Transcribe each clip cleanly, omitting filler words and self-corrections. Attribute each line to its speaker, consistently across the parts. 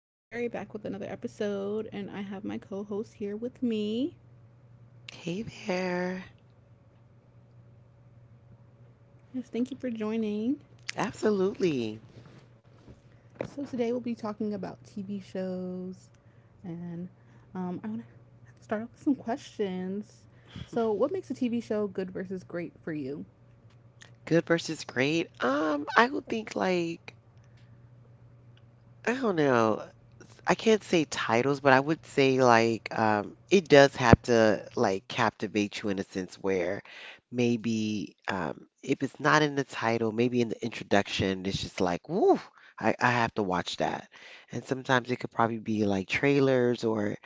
Speaker 1: this is Zuri back with another episode, and I have my co host here with me.
Speaker 2: Hey there.
Speaker 1: Yes, thank you for joining.
Speaker 2: Absolutely.
Speaker 1: So, today we'll be talking about TV shows, and I want to start off with some questions. So, what makes a TV show good versus great for you?
Speaker 2: Good versus great. I would think like I don't know. I can't say titles, but I would say like it does have to like captivate you in a sense where maybe if it's not in the title, maybe in the introduction, it's just like, woo, I have to watch that. And sometimes it could probably be like trailers or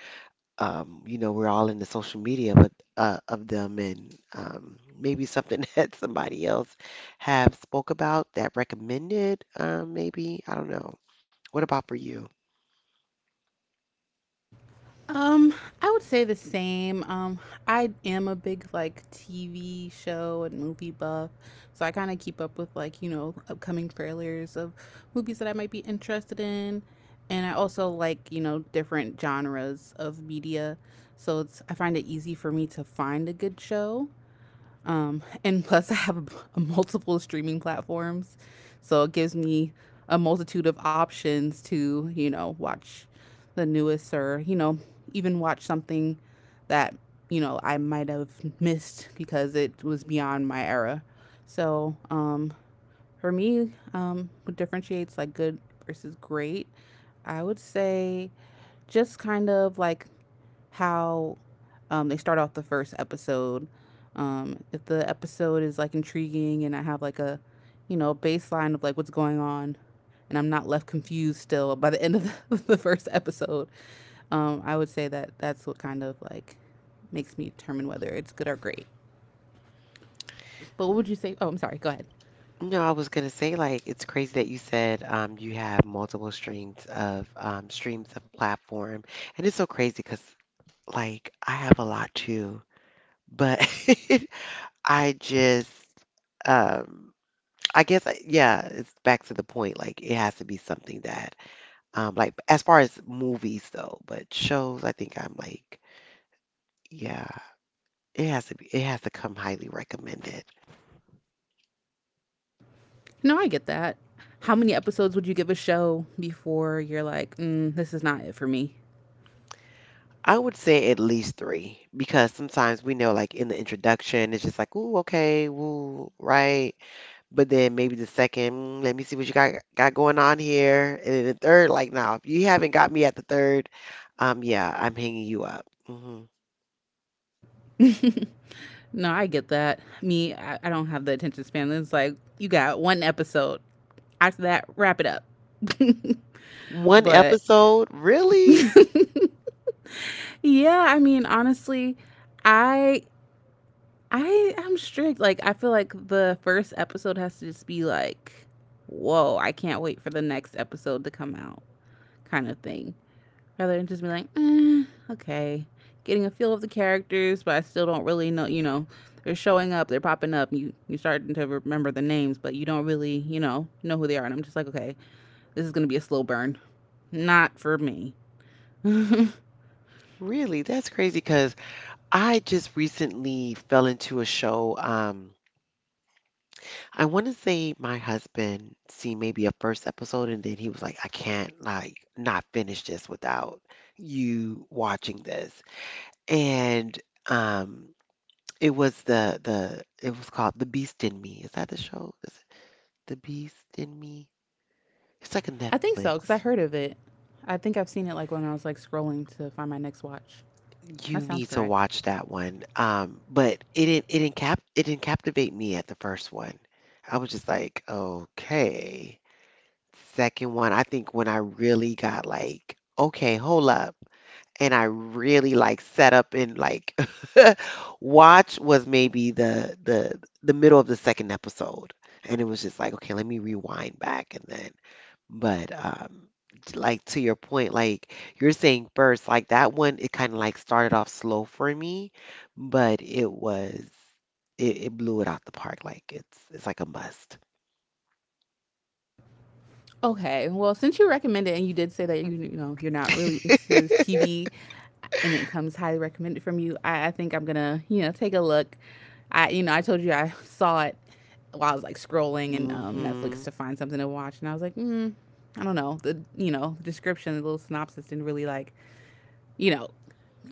Speaker 2: you know, we're all in the social media with of them, and maybe something that somebody else have spoke about that recommended, maybe I don't know. What about for you?
Speaker 1: Um, I would say the same. I am a big like TV show and movie buff, so I kind of keep up with like you know upcoming trailers of movies that I might be interested in, and I also like you know different genres of media, so it's I find it easy for me to find a good show. And plus, I have multiple streaming platforms, so it gives me a multitude of options to, you know, watch the newest or, you know, even watch something that, you know, I might have missed because it was beyond my era. So, for me, what differentiates like good versus great, I would say just kind of like how they start off the first episode. If the episode is like intriguing and I have like a, you know, baseline of like what's going on, and I'm not left confused still by the end of the first episode, I would say that that's what kind of like makes me determine whether it's good or great. But what would you say? Oh, I'm sorry. Go ahead.
Speaker 2: No, I was gonna say like it's crazy that you said you have multiple streams of platform, and it's so crazy because like I have a lot too, but I just um, I guess yeah, it's back to the point like it has to be something that. Like as far as movies though, but shows, I think I'm like, yeah, it has to be, it has to come highly recommended.
Speaker 1: No, I get that. How many episodes would you give a show before you're like, mm, this is not it for me?
Speaker 2: I would say at least three because sometimes we know, like in the introduction, it's just like, ooh, okay, woo, right? But then maybe the second, "Mm, let me see what you got going on here," and then the third, like, now if you haven't got me at the third, yeah, I'm hanging you up. Hmm.
Speaker 1: No, I get that. Me, I don't have the attention span. It's like you got one episode. After that, wrap it up.
Speaker 2: One
Speaker 1: but
Speaker 2: episode, really,
Speaker 1: yeah, I mean, honestly, I I'm strict. Like I feel like the first episode has to just be like, whoa, I can't wait for the next episode to come out, kind of thing. Rather than just be like, eh, okay, getting a feel of the characters, but I still don't really know. You know, they're showing up, they're popping up. You're starting to remember the names, but you don't really you know who they are. And I'm just like, okay, this is gonna be a slow burn, not for me.
Speaker 2: really, that's crazy because I just recently fell into a show. I want to say my husband see maybe a first episode and then he was like, I can't like not finish this without you watching this. And um it was the it was called The Beast in Me. Is that the show? Is it The Beast in Me? It's like a
Speaker 1: I think so because
Speaker 2: Netflix.
Speaker 1: I heard of it. I think I've seen it like when I was like scrolling to find my next watch. That
Speaker 2: You
Speaker 1: sounds
Speaker 2: need to
Speaker 1: correct.
Speaker 2: watch that one. But it didn't captivate me at the first one. I was just like, okay. Second one, I think when I really got like, okay, hold up. And I really like set up and like watch was maybe the middle of the second episode. And it was just like, okay, let me rewind back and then but like to your point, like you're saying first, like that one it kind of like started off slow for me, but it was it blew it out the park. Like it's like a must.
Speaker 1: Okay. Well, since you recommended and you did say that you know you're not really into TV, and it comes highly recommended from you, I think I'm gonna you know take a look. I you know I told you I saw it while I was like scrolling in Netflix
Speaker 2: Hmm.
Speaker 1: to find something to watch, and I was like, mm, I don't know. The you know description, the little synopsis didn't really like you know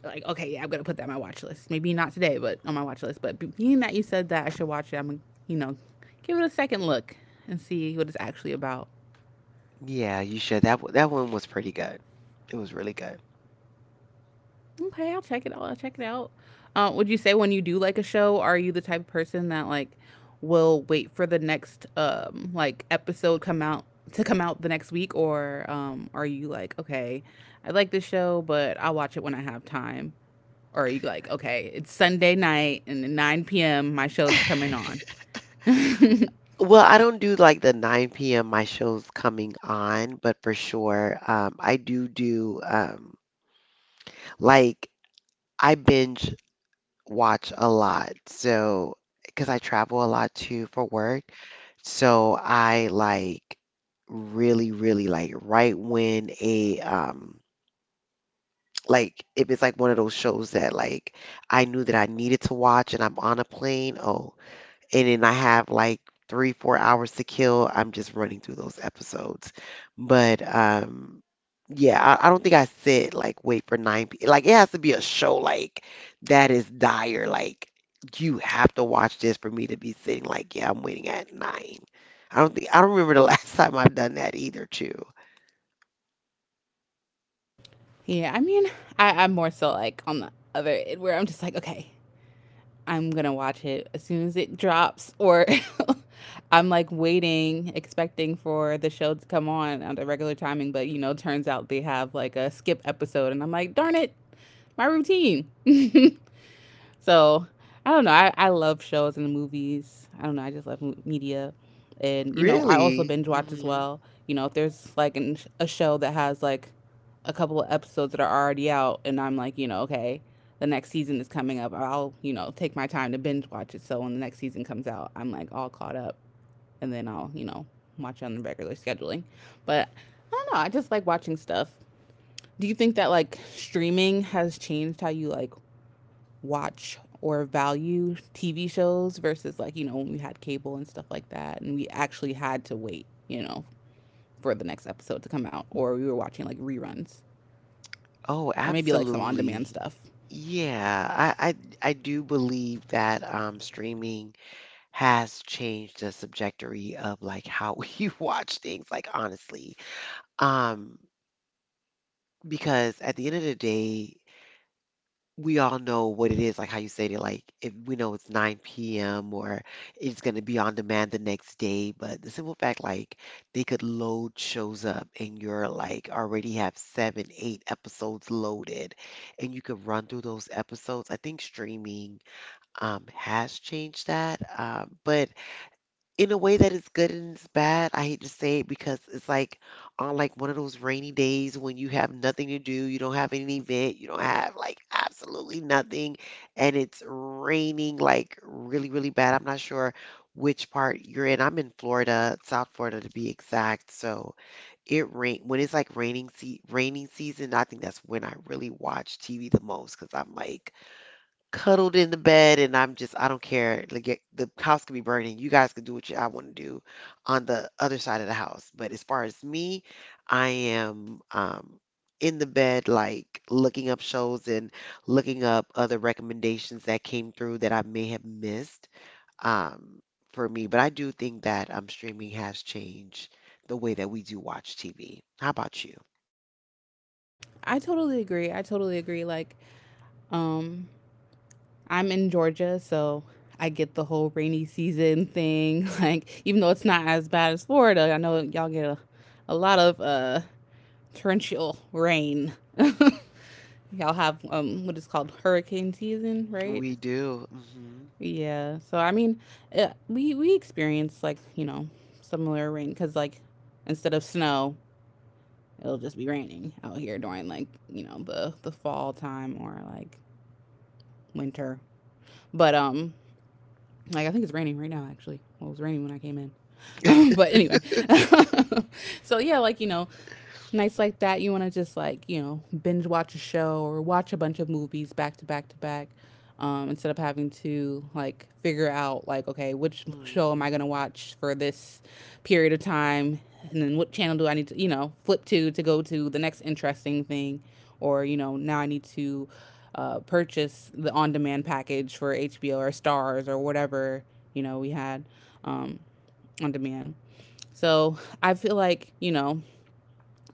Speaker 1: like okay yeah I'm gonna put that on my watch list. Maybe not today, but on my watch list. But being that you said that I should watch it, I'm gonna you know give it a second look and see what it's actually about.
Speaker 2: Yeah, you should. That one was pretty good. It was really good.
Speaker 1: Okay, I'll check it out. I'll check it out. Would you say when you do like a show, are you the type of person that like will wait for the next like episode come out to come out the next week, or are you like okay, I like this show, but I'll watch it when I have time, or are you like okay, it's Sunday night and at nine p.m. my show's coming on?
Speaker 2: Well, I don't do like the 9 p.m. my show's coming on, but for sure, I do do like I binge watch a lot. So, because I travel a lot too for work, so I like really, really like right when a like if it's like one of those shows that like I knew that I needed to watch and I'm on a plane, oh and then I have like three, 4 hours to kill. I'm just running through those episodes. But yeah, I don't think I said like wait for 9 p. Like it has to be a show like that is dire. Like you have to watch this for me to be sitting like yeah, I'm waiting at nine. I don't think I don't remember the last time I've done that either too.
Speaker 1: Yeah, I mean, I'm more so like on the other end where I'm just like okay, I'm gonna watch it as soon as it drops, or I'm like waiting, expecting for the show to come on at the regular timing. But you know, turns out they have like a skip episode, and I'm like, darn it, my routine. So I don't know. I love shows and movies. I don't know. I just love media. And, you know, I also
Speaker 2: Really?
Speaker 1: binge watch as
Speaker 2: Hmm.
Speaker 1: well. You know, if there's like a show that has like a couple of episodes that are already out and I'm like, you know, okay, the next season is coming up, I'll, you know, take my time to binge watch it. So when the next season comes out, I'm like all caught up and then I'll, you know, watch it on the regular scheduling. But I don't know. I just like watching stuff. Do you think that like streaming has changed how you like watch or value TV shows versus like, you know, when we had cable and stuff like that and we actually had to wait, you know, for the next episode to come out or we were watching like reruns
Speaker 2: Oh,
Speaker 1: or maybe like some on-demand
Speaker 2: absolutely.
Speaker 1: stuff.
Speaker 2: Yeah, I do believe that streaming has changed the subjectory of like how we watch things, like honestly. Um, because at the end of the day, we all know what it is, like how you said it, like if we know it's 9 p.m. or it's going to be on demand the next day, but the simple fact, like they could load shows up and you're like already have seven, eight episodes loaded and you could run through those episodes. I think streaming has changed that. But in a way that is good and it's bad. I hate to say it because it's like on like one of those rainy days when you have nothing to do, you don't have any event, you don't have like absolutely nothing, and it's raining like really, really bad. I'm not sure which part you're in. I'm in Florida, South Florida to be exact. So it rain when it's like raining season, I think that's when I really watch TV the most because I'm like cuddled in the bed and I'm just I don't care. Like the house could be burning. You guys could do what you, I want to do on the other side of the house. But as far as me, I am in the bed like looking up shows and looking up other recommendations that came through that I may have missed um for me. But I do think that streaming has changed the way that we do watch TV. How about you?
Speaker 1: I totally agree. I totally agree like um I'm in Georgia, so I get the whole rainy season thing. Like even though it's not as bad as Florida, I know y'all get a lot of torrential rain. Y'all have what is called hurricane season, right?
Speaker 2: We do. Hmm.
Speaker 1: Yeah. So I mean, we experience like you know similar rain because like instead of snow, it'll just be raining out here during like you know the fall time or like winter. But like I think it's raining right now actually. Well, it was raining when I came in. but anyway, so yeah, like you know, nights like that, you want to just like, you know, binge watch a show or watch a bunch of movies back to back to back. Instead of having to like figure out like okay which
Speaker 2: Hmm.
Speaker 1: show am I going to watch for this period of time and then what channel do I need to you know flip to go to the next interesting thing or you know now I need to purchase the on-demand package for HBO or stars or whatever you know we had um, on demand so I feel like you know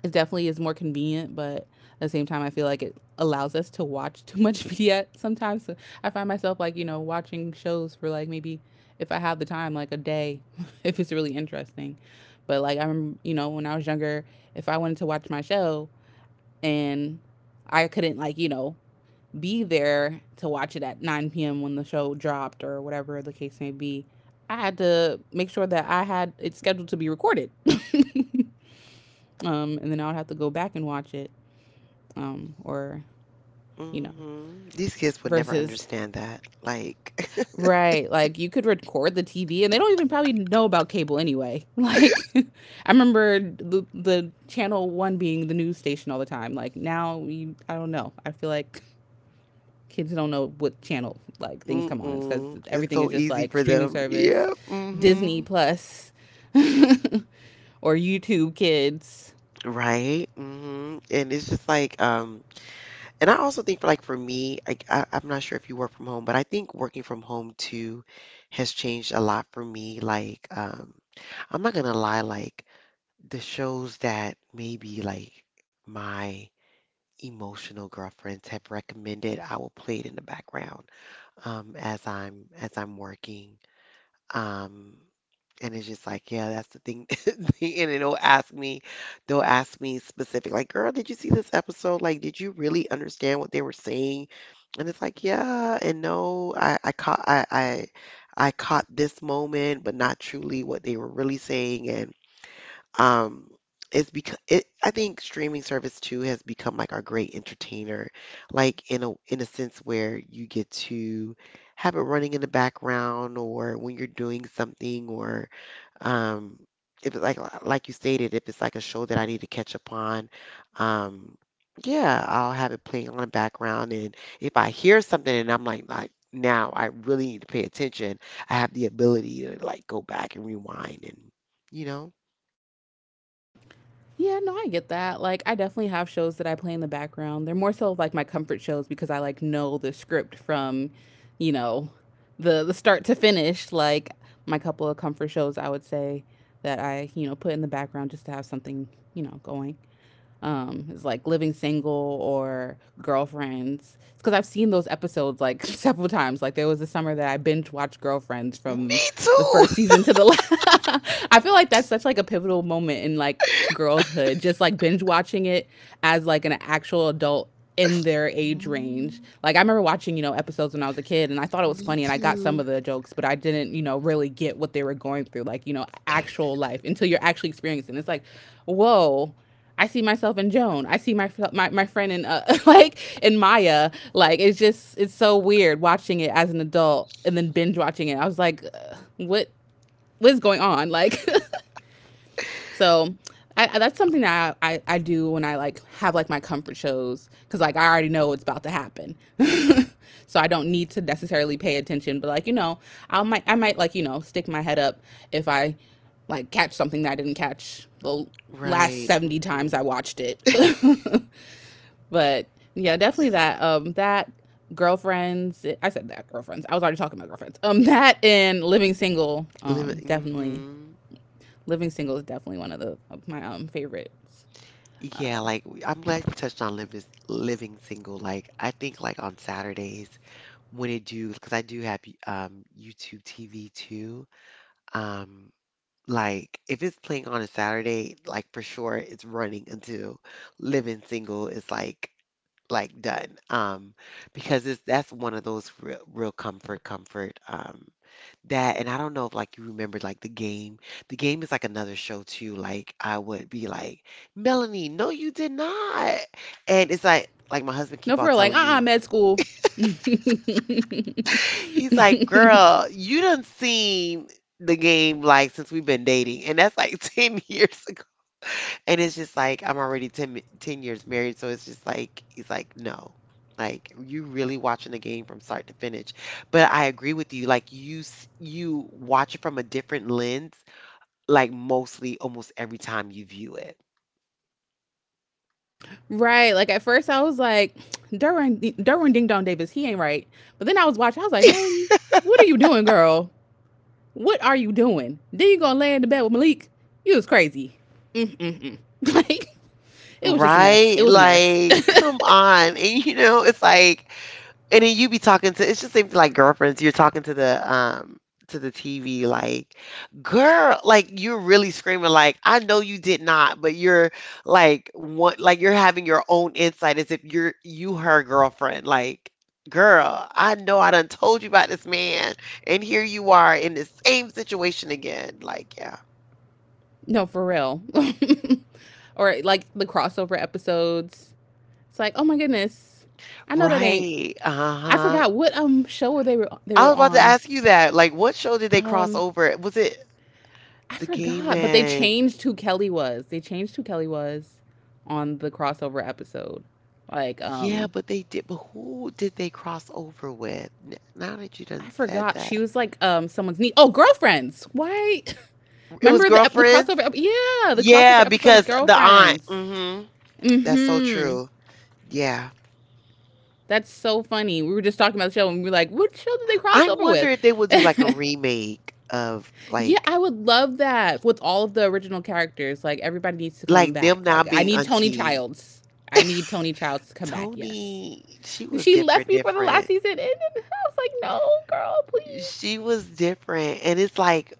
Speaker 1: it definitely is more convenient, but at the same time, I feel like it allows us to watch too much media sometimes. So I find myself like, you know, watching shows for like maybe if I have the time, like a day, if it's really interesting. But like, I'm, you know, when I was younger, if I wanted to watch my show and I couldn't, like, you know, be there to watch it at 9 p.m. when the show dropped or whatever the case may be, I had to make sure that I had it scheduled to be recorded. And then I would have to go back and watch it or you know,
Speaker 2: Hmm. These kids would never
Speaker 1: versus
Speaker 2: understand that. Like,
Speaker 1: right, like you could record the TV, and they don't even probably know about cable anyway. Like, I remember the channel one being the news station all the time. Like now, we, I don't know. I feel like kids don't know what channel like things come on. It's because
Speaker 2: mm-mm. It's
Speaker 1: everything is
Speaker 2: so
Speaker 1: just
Speaker 2: easy
Speaker 1: like
Speaker 2: for
Speaker 1: streaming
Speaker 2: them.
Speaker 1: service,
Speaker 2: Yeah.
Speaker 1: Disney
Speaker 2: Mm-hmm.
Speaker 1: Plus, or YouTube Kids.
Speaker 2: Right. Mm-hmm. And it's just like, and I also think for like for me, like I'm not sure if you work from home, but I think working from home too has changed a lot for me. Like, I'm not gonna lie, like the shows that maybe like my emotional girlfriends have recommended, I will play it in the background, as I'm working. Um, and it's just like, yeah, that's the thing. And it'll ask me, they'll ask me specific, like, girl, did you see this episode? Like, did you really understand what they were saying? And it's like, yeah, and no, I caught this moment, but not truly what they were really saying. And um it's because it I think streaming service too has become like our great entertainer like in a sense where you get to have it running in the background or when you're doing something or um if it's like you stated if it's like a show that I need to catch up on, um yeah, I'll have it playing on the background and if I hear something and I'm like now I really need to pay attention, I have the ability to like go back and rewind and you know.
Speaker 1: Yeah, no, I get that. Like, I definitely have shows that I play in the background. They're more so of like my comfort shows because I like know the script from, you know, the start to finish. Like my couple of comfort shows, I would say that I you know put in the background just to have something you know going it's like Living Single or Girlfriends. It's because I've seen those episodes like several times. Like there was a summer that I binge watched Girlfriends from
Speaker 2: Me
Speaker 1: the
Speaker 2: too.
Speaker 1: first season to the last. I feel like that's such like a pivotal moment in like girlhood, just like binge watching it as like an actual adult in their age range.
Speaker 2: Mm,
Speaker 1: Like I remember watching you know episodes when I was a kid and I thought it was
Speaker 2: me
Speaker 1: funny and I got some
Speaker 2: too.
Speaker 1: of the jokes but I didn't you know really get what they were going through, like you know actual life until you're actually experiencing it. It's like whoa, I see myself in Joan. I see my friend in like in Maya. Like it's just it's so weird watching it as an adult and then binge watching it. I was like, what's going on? Like so that's something that I do when I like have like my comfort shows because like I already know what's about to happen, so I don't need to necessarily pay attention. But I might stick my head up if I like catch something that I didn't catch the last
Speaker 2: Right.
Speaker 1: 70 times
Speaker 2: Hmm.
Speaker 1: I watched it. But yeah, definitely that girlfriends. I said that girlfriends. I was already talking about girlfriends. That and living single,
Speaker 2: Limit.
Speaker 1: definitely.
Speaker 2: Hmm.
Speaker 1: Living single is definitely one of my favorites.
Speaker 2: Yeah, like I'm glad you touched on living single. Like I think like on Saturdays when it do because I do have YouTube TV too. Um, like if it's playing on a Saturday, like for sure it's running until living single is like done. Because it's that's one of those real real comfort comfort. That and I don't know if, like, you remember, like, The Game. The Game is, like, another show too, like, I would be like, "Melanie, no, you did not." And it's like, my husband
Speaker 1: No,
Speaker 2: keep
Speaker 1: for
Speaker 2: on
Speaker 1: real, like
Speaker 2: telling me
Speaker 1: med school.
Speaker 2: he's like, "Girl, you done seen The Game, like, since we've been dating," and that's, like, 10 years ago. And it's just like, I'm already 10 years married, so it's just like he's like, "No. Like, you really watching The Game from start to finish." But I agree with you, like, you watch it from a different lens like mostly almost every time you view it.
Speaker 1: Right. Like at first I was like, Derwin Ding Dong Davis, he ain't right. But then I was watching, I was like, Melanie, what are you doing, girl? What are you doing? Then you gonna lay in the bed with Malik. You was crazy. Like it was just a mess. It
Speaker 2: Right?
Speaker 1: was a mess.
Speaker 2: Like, come on. And you know, it's like and then you be talking to it's just seems like girlfriends, you're talking to the TV like, girl, like you're really screaming like, I know you did not, but you're like what like you're having your own insight as if you her girlfriend. Like, girl, I know I done told you about this man and here you are in the same situation again. Like, yeah.
Speaker 1: No, for real. Or like the crossover episodes. It's like, oh my goodness. I know that ain't—
Speaker 2: Right.
Speaker 1: I
Speaker 2: Uh-huh.
Speaker 1: forgot what show were they were they
Speaker 2: I
Speaker 1: were
Speaker 2: was about to
Speaker 1: on.
Speaker 2: ask you that. Like, what show did they cross
Speaker 1: Um
Speaker 2: over? Was it
Speaker 1: I
Speaker 2: The Gay
Speaker 1: forgot, but they
Speaker 2: Man?
Speaker 1: changed who Kelly was. They changed who Kelly was on the crossover episode. Like,
Speaker 2: Yeah, but they did. But who did they cross over with? Now that you
Speaker 1: I
Speaker 2: done said
Speaker 1: forgot
Speaker 2: that,
Speaker 1: she was like someone's niece. Oh, girlfriends. Why?
Speaker 2: it was
Speaker 1: Remember the
Speaker 2: Girlfriends.
Speaker 1: crossover ep— yeah, the crossover
Speaker 2: Yeah,
Speaker 1: episode was
Speaker 2: because the aunt.
Speaker 1: girlfriends.
Speaker 2: Hmm. That's so
Speaker 1: Mm-hmm.
Speaker 2: true. Yeah.
Speaker 1: That's so funny. We were just talking about the show and we were like, what show did they cross
Speaker 2: I
Speaker 1: over
Speaker 2: wonder
Speaker 1: with?
Speaker 2: if they will do like a remake of
Speaker 1: Yeah, I would love that with all of the original characters. Like everybody needs to
Speaker 2: like
Speaker 1: come
Speaker 2: them
Speaker 1: back.
Speaker 2: now
Speaker 1: Like I
Speaker 2: being
Speaker 1: need Tony
Speaker 2: auntie.
Speaker 1: Childs. I need Tony Childs to come back. Yes.
Speaker 2: Tony, she was
Speaker 1: She left
Speaker 2: different,
Speaker 1: before the last
Speaker 2: different.
Speaker 1: season and I was like, no, girl, please.
Speaker 2: She was different, and it's like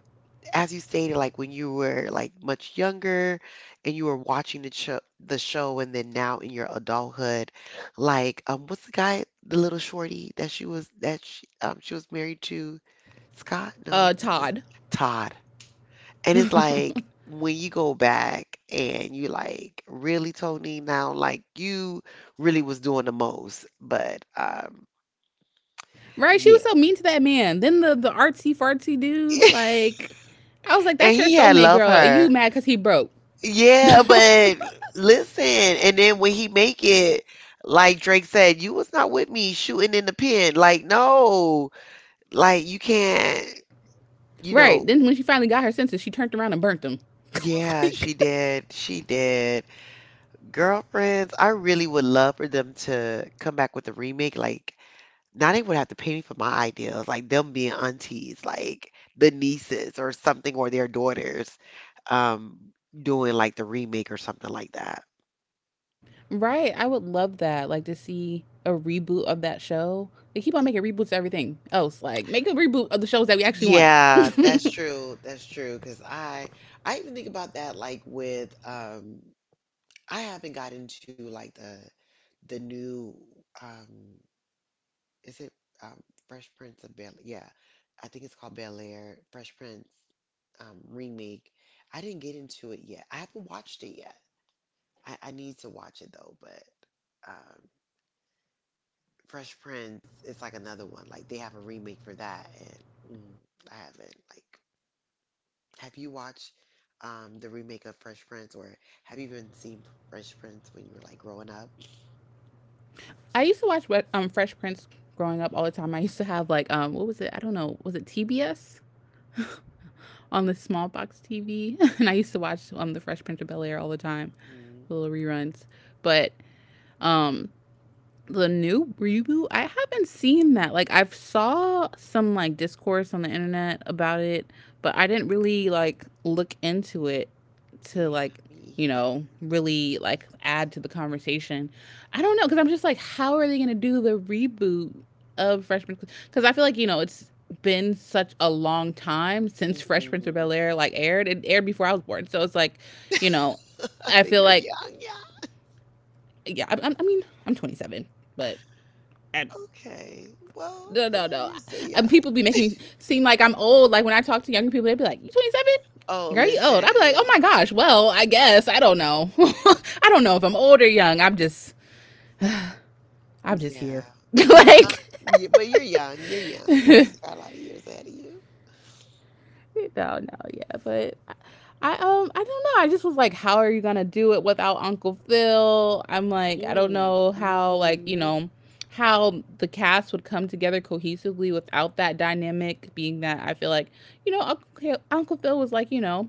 Speaker 2: as you stated, like when you were like much younger and you were watching the show, and then now in your adulthood, like what's the guy, the little shorty that she was she was married to, Scott? No, was it
Speaker 1: Todd.
Speaker 2: Todd? And it's like when you go back and you like really Tony now, like you really was doing the most, but
Speaker 1: Right? She was
Speaker 2: yeah,
Speaker 1: so mean to that man. Then the artsy fartsy dude. Like, I was like,
Speaker 2: and
Speaker 1: that's your
Speaker 2: he had
Speaker 1: soulmate,
Speaker 2: loved
Speaker 1: girl. Are you
Speaker 2: her.
Speaker 1: mad because he broke?
Speaker 2: Yeah, but listen, and then when he make it, like Drake said, you was not with me shooting in the pen. Like, no, like you can't, you
Speaker 1: Right. Then
Speaker 2: know.
Speaker 1: when she finally got her senses, she turned around and burnt him.
Speaker 2: Yeah,
Speaker 1: Like,
Speaker 2: she did. She did. Girlfriends, I really would love for them to come back with a remake. Like, now they would have to pay me for my ideas, like them being aunties, like the nieces or something, or their daughters, um, doing like the remake or something like that.
Speaker 1: right. I would love that. Like to see a reboot of that show. They keep on making reboots of everything else. Like, make a reboot of the shows that we actually want.
Speaker 2: Yeah, that's true. That's true. Because I even think about that like with I haven't got into like the new um is it um Fresh Prince of Bel yeah, I think it's called Bel Air Fresh Prince remake. I didn't get into it yet. I haven't watched it yet. I need to watch it though. But um Fresh Prince it's like another one. Like they have a remake for that, and I haven't like. Have you watched the remake of Fresh Prince, or have you even seen Fresh Prince when you were like growing up?
Speaker 1: I used to watch Fresh Prince growing up all the time. I used to have like what was it? I don't know. Was it TBS on the small box TV? And I used to watch the Fresh Prince of Bel Air all the time,
Speaker 2: Hmm
Speaker 1: the little reruns. But um the new reboot, I haven't seen that. Like, I've saw some like discourse on the internet about it, but I didn't really like look into it to
Speaker 2: Yeah,
Speaker 1: like
Speaker 2: me either.
Speaker 1: really like add to the conversation. I don't know, because I'm just like, how are they going to do the reboot of Fresh Prince? Because I feel like, it's been such a long time since Fresh Prince of
Speaker 2: Hmm
Speaker 1: Bel-Air like aired. It aired before I was born, so it's like, you know
Speaker 2: I
Speaker 1: I
Speaker 2: think
Speaker 1: feel
Speaker 2: you're
Speaker 1: like,
Speaker 2: young, yeah.
Speaker 1: yeah, I mean I'm 27, but I—
Speaker 2: Okay. Well,
Speaker 1: no,
Speaker 2: yeah,
Speaker 1: no, no.
Speaker 2: you're still
Speaker 1: And
Speaker 2: young.
Speaker 1: people be making me seem like I'm old. Like when I talk to younger people, they'd be like, "You 27?
Speaker 2: Oh,
Speaker 1: Girl, you old?" I'd be like, "Oh
Speaker 2: listen.
Speaker 1: my gosh. Well, I guess I don't know. I don't know if I'm old or young. I'm just here."
Speaker 2: Yeah. Uh-huh.
Speaker 1: Like,
Speaker 2: Yeah, but you're young. You're young. You still got a lot of years ahead of you.
Speaker 1: no, no, yeah, but I I don't know. I just was like, how are you gonna do it without Uncle Phil? I'm like, I don't
Speaker 2: Mm,
Speaker 1: know how, like,
Speaker 2: hmm.
Speaker 1: how the cast would come together cohesively without that dynamic. Being that I feel like, Uncle Phil was like,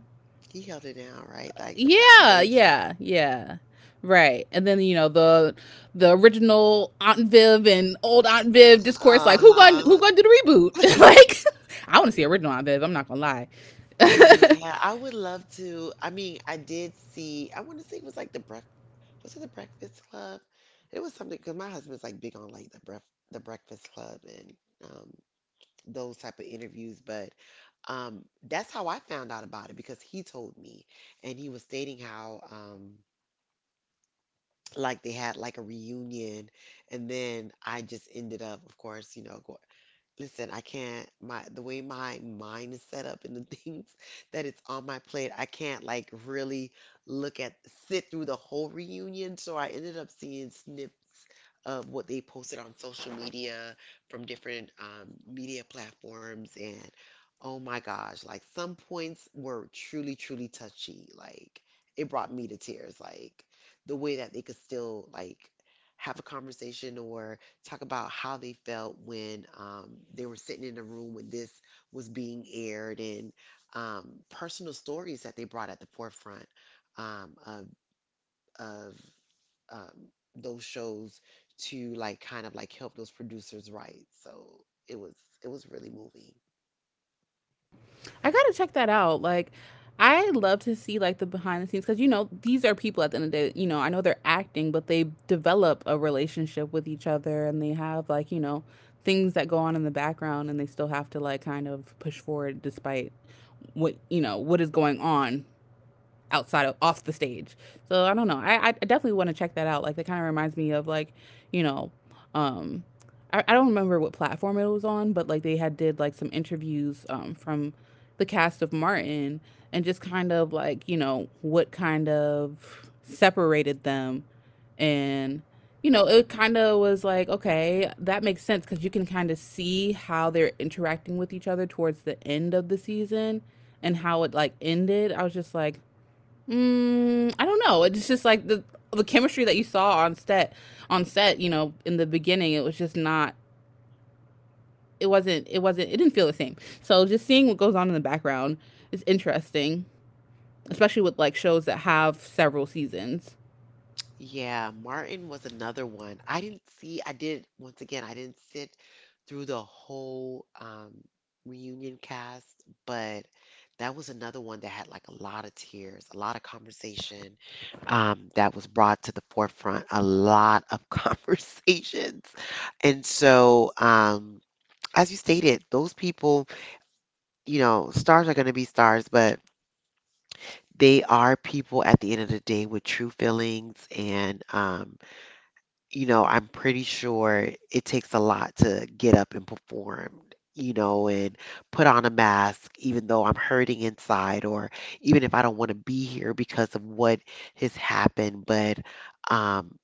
Speaker 2: He held it down, right? Like the
Speaker 1: yeah,
Speaker 2: foundation.
Speaker 1: yeah, yeah. Right. And then the original Aunt Viv and old Aunt Viv discourse, like who going to— who
Speaker 2: Uh-huh.
Speaker 1: going to do the reboot? Like, I want to see original Aunt Viv, I'm not going to lie.
Speaker 2: Yeah, I would love to. I mean, I did see, I want to say it was like was it the Breakfast Club? It was something because my husband's like big on like the Breakfast Club and um, those type of interviews. But that's how I found out about it because he told me, and he was stating how like they had like a reunion, and then I just ended up, of course, you know, go, Listen, I can't my the way my mind is set up and the things that it's on my plate, I can't like really look at sit through the whole reunion. So I ended up seeing snips of what they posted on social media from different media platforms and oh my gosh, like some points were truly, truly touchy. Like it brought me to tears. Like the way that they could still like have a conversation or talk about how they felt when they were sitting in a room when this was being aired and personal stories that they brought at the forefront um, of, of um, those shows to like kind of like help those producers write. So it was it was really moving.
Speaker 1: I gotta check that out. Like, I love to see like the behind the scenes, because these are people at the end of the day. You know, I know they're acting, but they develop a relationship with each other, and they have like, things that go on in the background, and they still have to like kind of push forward despite what— what is going on outside of— off the stage. So I don't know. I definitely want to check that out. Like that kind of reminds me of like, you know, um I don't remember what platform it was on, but like they had did like some interviews from the cast of Martin and just kind of like, what kind of separated them, and, it kind of was like, okay, that makes sense, because you can kind of see how they're interacting with each other towards the end of the season and how it like ended. I was just like, mm, I don't know. It's just like the chemistry that you saw on set, you know, in the beginning, it was just not— it wasn't it didn't feel the same. So just seeing what goes on in the background is interesting, especially with like shows that have several seasons.
Speaker 2: Yeah, Martin was another one. I didn't see, I did, once again, I didn't sit through the whole reunion cast, but that was another one that had like a lot of tears, a lot of conversation that was brought to the forefront, a lot of conversations. And so, as you stated, those people, you know, stars are going to be stars, but they are people at the end of the day with true feelings and, you know, I'm pretty sure it takes a lot to get up and perform, you know, and put on a mask, even though I'm hurting inside, or even if I don't want to be here because of what has happened. But um,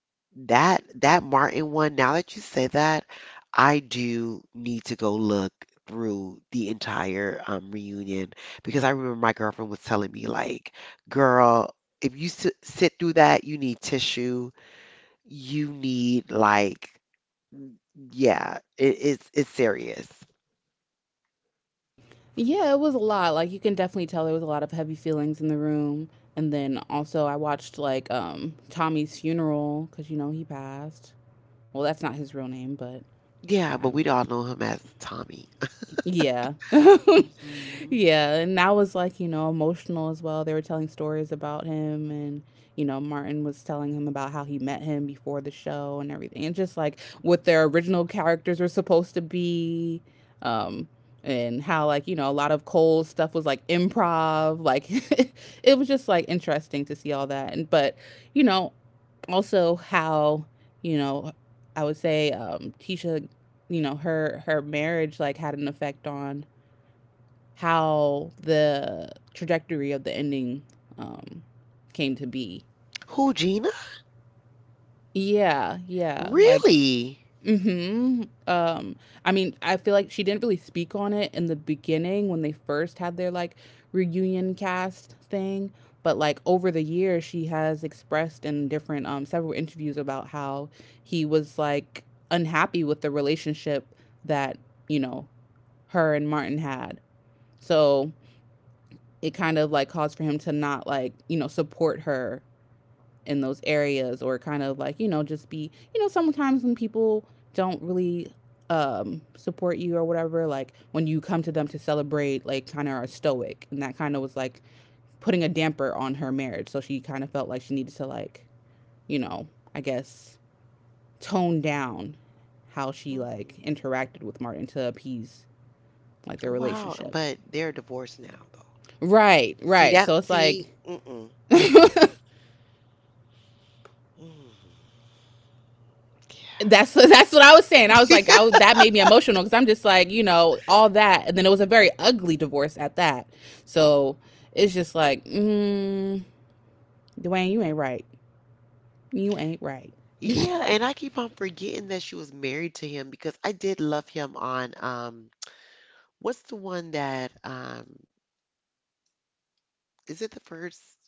Speaker 2: that that Martin one, now that you say that, I do need to go look through the entire reunion because I remember my girlfriend was telling me like, girl, if you s sit through that, you need tissue, you need like, yeah, it's serious.
Speaker 1: Yeah, it was a lot. Like you can definitely tell there was a lot of heavy feelings in the room. And then also I watched like Tommy's funeral, cuz he passed. Well, that's not his real name, but
Speaker 2: Yeah, but
Speaker 1: um,
Speaker 2: we all know him as Tommy.
Speaker 1: yeah.
Speaker 2: hmm
Speaker 1: Yeah, and that was like, emotional as well. They were telling stories about him and, Martin was telling him about how he met him before the show and everything. And just like what their original characters were supposed to be. Um and how like, a lot of Cole's stuff was like improv. Like it was just like interesting to see all that. And but, you know, also how, you know, I would say Tisha, her marriage like had an effect on how the— trajectory of the ending um, came to be.
Speaker 2: Who, Gina?
Speaker 1: Yeah, yeah. Like,
Speaker 2: Really?
Speaker 1: hmm. I mean, I feel like she didn't really speak on it in the beginning when they first had their like reunion cast thing. But like over the years, she has expressed in different several interviews about how he was like unhappy with the relationship that you know her and Martin had. So it kind of like caused for him to not like, support her in those areas, or kind of like, just be, sometimes when people don't really support you or whatever, like when you come to them to celebrate, like kind of are stoic. And that kind of was like putting a damper on her marriage, so she kind of felt like she needed to like, you know I guess, tone down how she like
Speaker 2: hmm
Speaker 1: interacted with Martin to appease like their
Speaker 2: Wow,
Speaker 1: relationship,
Speaker 2: but they're divorced now though.
Speaker 1: right,
Speaker 2: See
Speaker 1: right.
Speaker 2: that?
Speaker 1: So it's like
Speaker 2: See? Mm-mm. Mm. Yeah.
Speaker 1: that's— that's what I was saying. I was like, I— w— that made me emotional, because I'm just like, all that, and then it was a very ugly divorce at that. So it's just like, mm, Dwayne, you ain't right. You ain't right. Is
Speaker 2: Yeah, and I keep on forgetting that she was married to him because I did love him on what's the one that is it the first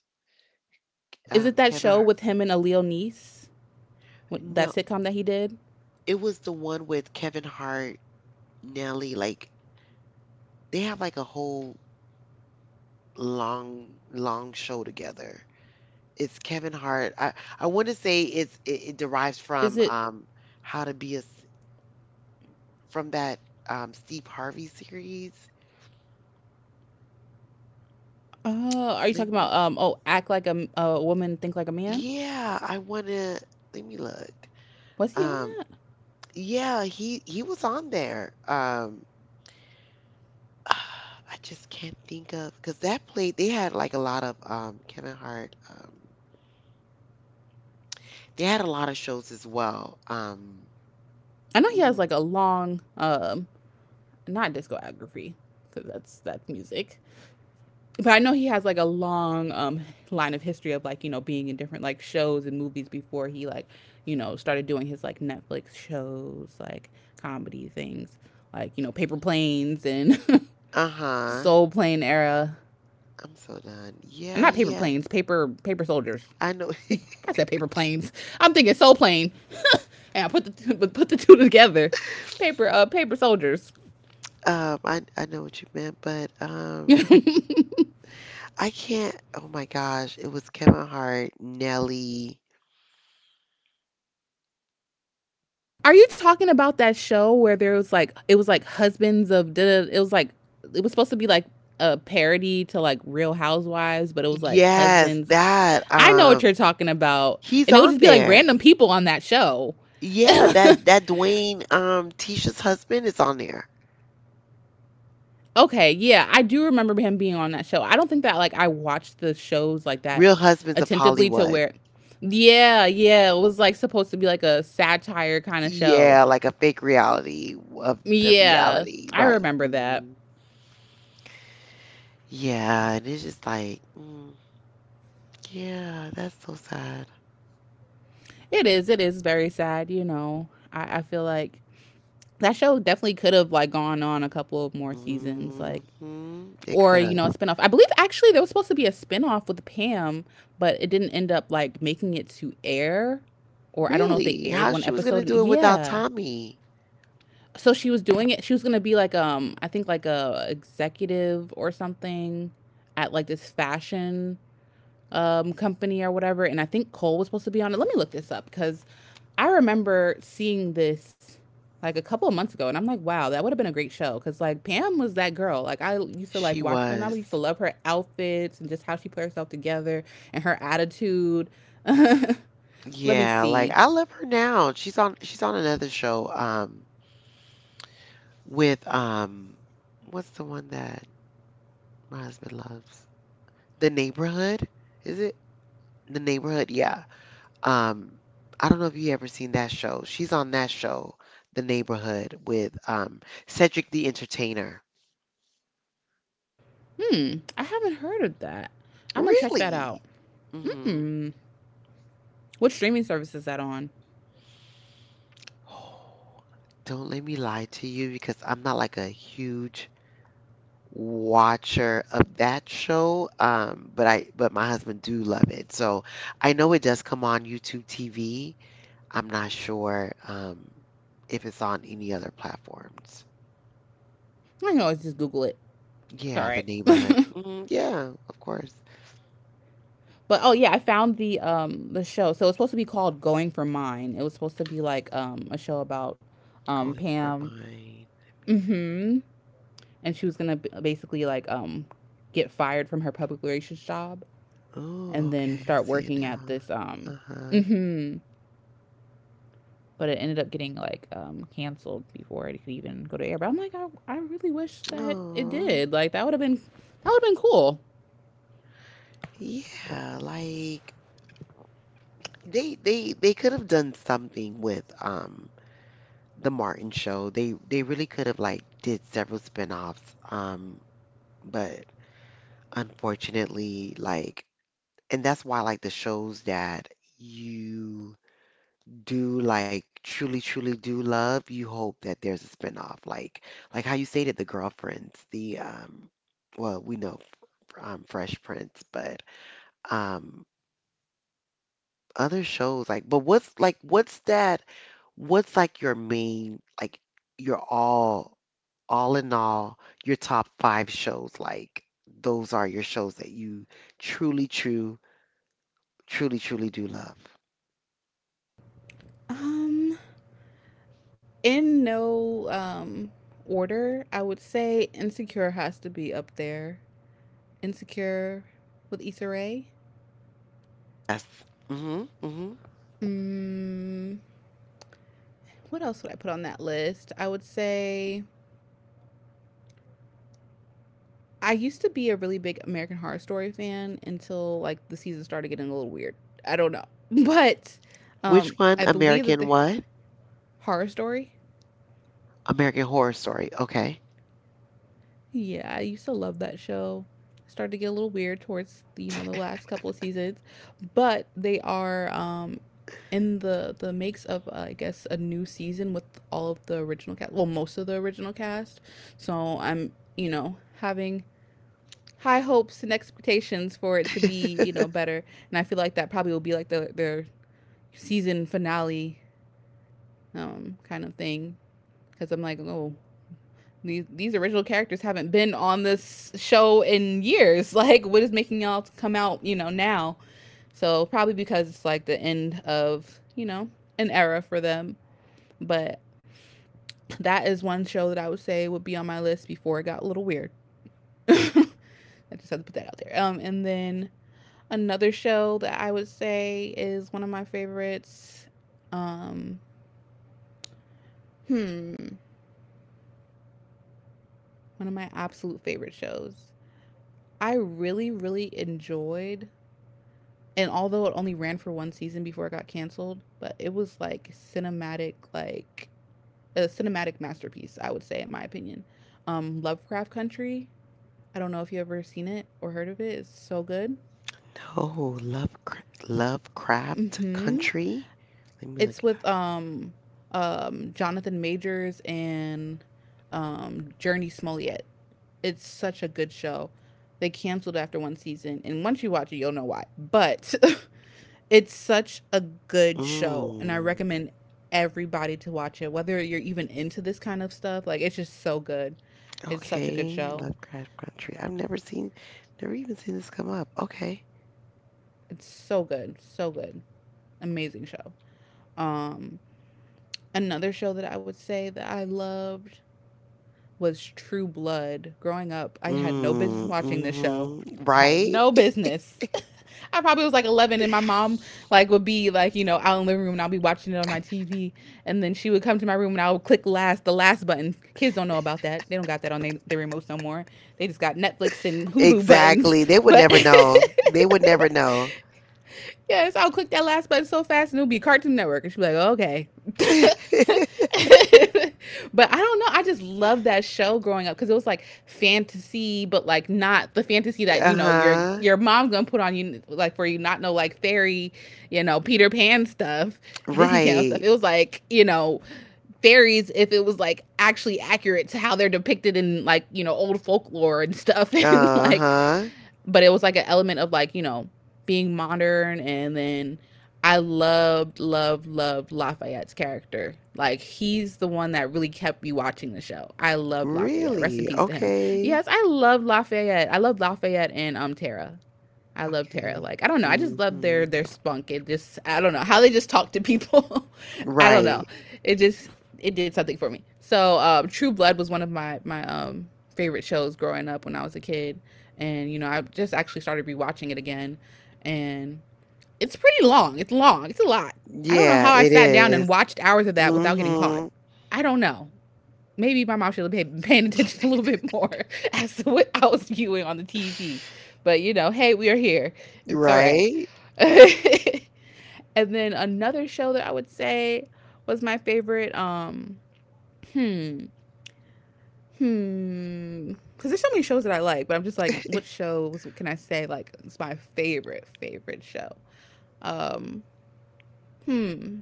Speaker 1: it that
Speaker 2: Kevin
Speaker 1: show
Speaker 2: Hart?
Speaker 1: with him and Aaliyah Niece? What, that
Speaker 2: No,
Speaker 1: sitcom that he did?
Speaker 2: it was the one with Kevin Hart Nelly, like they have like a whole long long show together. It's Kevin Hart. I wouldn't say it's it derives
Speaker 1: Is
Speaker 2: from
Speaker 1: it?
Speaker 2: How to Be a S- from that Steve Harvey series.
Speaker 1: Are you talking
Speaker 2: Let
Speaker 1: about,
Speaker 2: me,
Speaker 1: um, oh, act like a— a woman, think like a man.
Speaker 2: yeah, I wanna let me look.
Speaker 1: Was he on
Speaker 2: Um
Speaker 1: that?
Speaker 2: yeah, he was on there. Um, ah, I just can't think of because that played they had like a lot of Kevin Hart, they had a lot of shows as well. Um.
Speaker 1: I know he has
Speaker 2: Mm.
Speaker 1: like a long, not discography, because that's— that's music. But I know he has like a long line of history of like, being in different like shows and movies before he like, started doing his like Netflix shows, like comedy things, like, Paper Planes and
Speaker 2: Uh-huh.
Speaker 1: Soul Plane era.
Speaker 2: I'm so done.
Speaker 1: And
Speaker 2: Yeah,
Speaker 1: not Paper
Speaker 2: yeah.
Speaker 1: Planes— Paper— Paper Soldiers.
Speaker 2: I know.
Speaker 1: I said Paper Planes, I'm thinking Soul Plane, and I put the put the two together. Paper— uh, Paper Soldiers.
Speaker 2: I know what you meant, but
Speaker 1: You
Speaker 2: um
Speaker 1: know.
Speaker 2: I can't, oh my gosh, it was Kevin Hart, Nelly.
Speaker 1: Are you talking about that show where there was like— it was like Husbands of Da— da— it was like, it was supposed to be like a parody to like Real Housewives, but it was like
Speaker 2: Yes,
Speaker 1: husbands.
Speaker 2: that
Speaker 1: I know what you're talking about,
Speaker 2: he's
Speaker 1: and it would
Speaker 2: on
Speaker 1: just be like
Speaker 2: there.
Speaker 1: random people on that show.
Speaker 2: Yeah, that that Dwayne Tisha's husband is on there.
Speaker 1: Okay, yeah, I do remember him being on that show. I don't think that like I watched the shows like that
Speaker 2: Real Husbands of
Speaker 1: attentively to
Speaker 2: Hollywood.
Speaker 1: where— yeah, yeah, it was like supposed to be like a satire kind of show.
Speaker 2: Yeah, like a fake reality of the
Speaker 1: Yeah,
Speaker 2: reality,
Speaker 1: I
Speaker 2: right.
Speaker 1: remember that.
Speaker 2: Yeah, and it's just like, mm, yeah, that's so sad.
Speaker 1: It is. It is very sad. You know, I feel like that show definitely could have like gone on a couple of more seasons, like,
Speaker 2: hmm It
Speaker 1: or
Speaker 2: could
Speaker 1: a
Speaker 2: have.
Speaker 1: spinoff. I believe actually there was supposed to be a spinoff with Pam, but it didn't end up like making it to air, or I don't know if they
Speaker 2: Really?
Speaker 1: aired
Speaker 2: How
Speaker 1: one
Speaker 2: she was gonna
Speaker 1: episode. And,
Speaker 2: do it without
Speaker 1: yeah,
Speaker 2: Tommy?
Speaker 1: so she was doing it. She was gonna be like I think like a executive or something at like this fashion company or whatever. And I think Cole was supposed to be on it. Let me look this up because I remember seeing this like a couple of months ago, and I'm like, wow, that would have been a great show because like Pam was that girl. Like I used to like
Speaker 2: She
Speaker 1: watch Pam, and I
Speaker 2: was.
Speaker 1: used to love her outfits and just how she put herself together and her attitude. Let me
Speaker 2: Yeah, like
Speaker 1: see.
Speaker 2: I love her now. She's on another show with what's the one that my husband loves? The Neighborhood? Is it? The Neighborhood, yeah. Um I don't know if you ever seen that show. She's on that show, The Neighborhood with Cedric the Entertainer.
Speaker 1: Hmm, I haven't heard of that. I'm gonna check that
Speaker 2: Really?
Speaker 1: out. Hmm, what streaming service is that on?
Speaker 2: Oh, don't let me lie to you because I'm not like a huge watcher of that show. But I but my husband do love it. So I know it does come on YouTube TV. I'm not sure if it's on any other platforms.
Speaker 1: I know, always just Google it. It's all
Speaker 2: Yeah, the
Speaker 1: right.
Speaker 2: neighborhood. Yeah, of course.
Speaker 1: But oh yeah, I found the show. So it's supposed to be called Going for Mine. It was supposed to be like a show about
Speaker 2: Going for
Speaker 1: Pam.
Speaker 2: mine. Let me see.
Speaker 1: Mhm. And she was going to basically like get fired from her public relations job and
Speaker 2: Oh,
Speaker 1: then
Speaker 2: okay, I
Speaker 1: start
Speaker 2: see
Speaker 1: working
Speaker 2: it
Speaker 1: at this
Speaker 2: now. Uh-huh.
Speaker 1: mhm but it ended up getting like canceled before it could even go to air. But I'm like I really wish that it
Speaker 2: Oh,
Speaker 1: did. Like that would have been that would have been cool.
Speaker 2: yeah, like they they could have done something with the Martin show. They really could have like did several spin-offs. But unfortunately, like and that's why like the shows that you do like truly truly do love, you hope that there's a spin-off. Like how you stated the girlfriends, the well, we know Fresh Prince, but um other shows like, but what's like, what's that? What's like your main, like your all in all, your top five shows? Like those are your shows that you truly, true, truly, truly do love.
Speaker 1: Um in no order, I would say Insecure has to be up there. Insecure with Issa Rae.
Speaker 2: Yes. Mm-hmm. Mm-hmm.
Speaker 1: Mm, what else would I put on that list? I would say I used to be a really big American Horror Story fan until like the season started getting a little weird. I don't know, but
Speaker 2: Which one?
Speaker 1: I believe that
Speaker 2: American
Speaker 1: the
Speaker 2: what?
Speaker 1: Horror Story.
Speaker 2: American Horror Story. Okay.
Speaker 1: Yeah, I used to love that show. Started to get a little weird towards you know the last couple of seasons, but they are in the makes of I guess a new season with all of the original cast. Well, most of the original cast. So I'm you know having high hopes and expectations for it to be you know better, and I feel like that probably will be like their season finale kind of thing because I'm like oh these original characters haven't been on this show in years. Like, what is making y'all come out, you know, now? So probably because it's like the end of, you know, an era for them. But that is one show that I would say would be on my list before it got a little weird. I just had to put that out there. And then another show that I would say is one of my favorites. Um, hmm, one of my absolute favorite shows. I really, really enjoyed and although it only ran for one season before it got canceled, but it was like cinematic, like a cinematic masterpiece, I would say, in my opinion. Lovecraft Country. I don't know if you ever seen it or heard of it. It's so good.
Speaker 2: No, Lovecraft, Lovecraft
Speaker 1: Mm-hmm.
Speaker 2: Country. Let me look
Speaker 1: It's
Speaker 2: it
Speaker 1: with Jonathan Majors and Journey Smollett. It's such a good show. They canceled after one season, and once you watch it, you'll know why. But it's such a
Speaker 2: up.
Speaker 1: good show, and I
Speaker 2: Mm.
Speaker 1: recommend everybody to watch it, whether you're even into this kind of stuff. Like, it's just so good. It's such a good
Speaker 2: Okay,
Speaker 1: show.
Speaker 2: Lovecraft Country. I've never seen, never even seen this come up. Okay.
Speaker 1: It's so good, so good, amazing show. Um, Another show that I would say that I loved was True Blood. Growing up, I had no business
Speaker 2: Mm,
Speaker 1: watching this show.
Speaker 2: mm-hmm.
Speaker 1: Had
Speaker 2: Right?
Speaker 1: no business. I probably was like 11, and my mom like would be like, you know, out in the living room, and I'll be watching it on my TV, and then she would come to my room, and I would click last, the last button. Kids don't know about that; they don't got that on their remotes no more. They just got Netflix and Hulu buttons,
Speaker 2: Exactly. They would
Speaker 1: but.
Speaker 2: never know. They would never know.
Speaker 1: Yes, I'll click that last button so fast and it'll be Cartoon Network. And she'll be like, oh, okay. But I don't know. I just loved that show growing up because it was like fantasy, but like not the fantasy that, you know, your
Speaker 2: Uh-huh.
Speaker 1: your mom's gonna put on you like for you not know like fairy, you know, Peter Pan stuff, Disney Channel
Speaker 2: Right.
Speaker 1: stuff. It was like, you know, fairies if it was like actually accurate to how they're depicted in like, you know, old folklore and stuff and like
Speaker 2: Uh-huh.
Speaker 1: but it was like an element of like you know being modern and then I loved Lafayette's character like he's the one that really kept me watching the show. I loved Lafayette, rest in
Speaker 2: Really?
Speaker 1: peace to him. Yes,
Speaker 2: Okay.
Speaker 1: I love Lafayette. I love Lafayette and Tara. I love Tara.
Speaker 2: Okay.
Speaker 1: Like I don't know. I just love their
Speaker 2: Mm-hmm.
Speaker 1: spunk. It just I don't know how they just talk to people. I don't know.
Speaker 2: Right.
Speaker 1: It just it did something for me. So True Blood was one of my favorite shows growing up when I was a kid, and you know I just actually started rewatching it again, and it's pretty long. It's long. It's a lot. I don't know
Speaker 2: Yeah,
Speaker 1: how I
Speaker 2: it
Speaker 1: sat down
Speaker 2: is.
Speaker 1: and watched hours of that without getting
Speaker 2: Mm-hmm.
Speaker 1: caught. I don't know, maybe my mom should have been paying attention a little bit more as to what I was viewing on the TV. But you know, hey, we are here. It's all right.
Speaker 2: Right?
Speaker 1: And then another show that I would say was my favorite. Hmm, hmm. Because there's so many shows that I like, but I'm just like, what shows can I say like it's my favorite show? Um, hmm.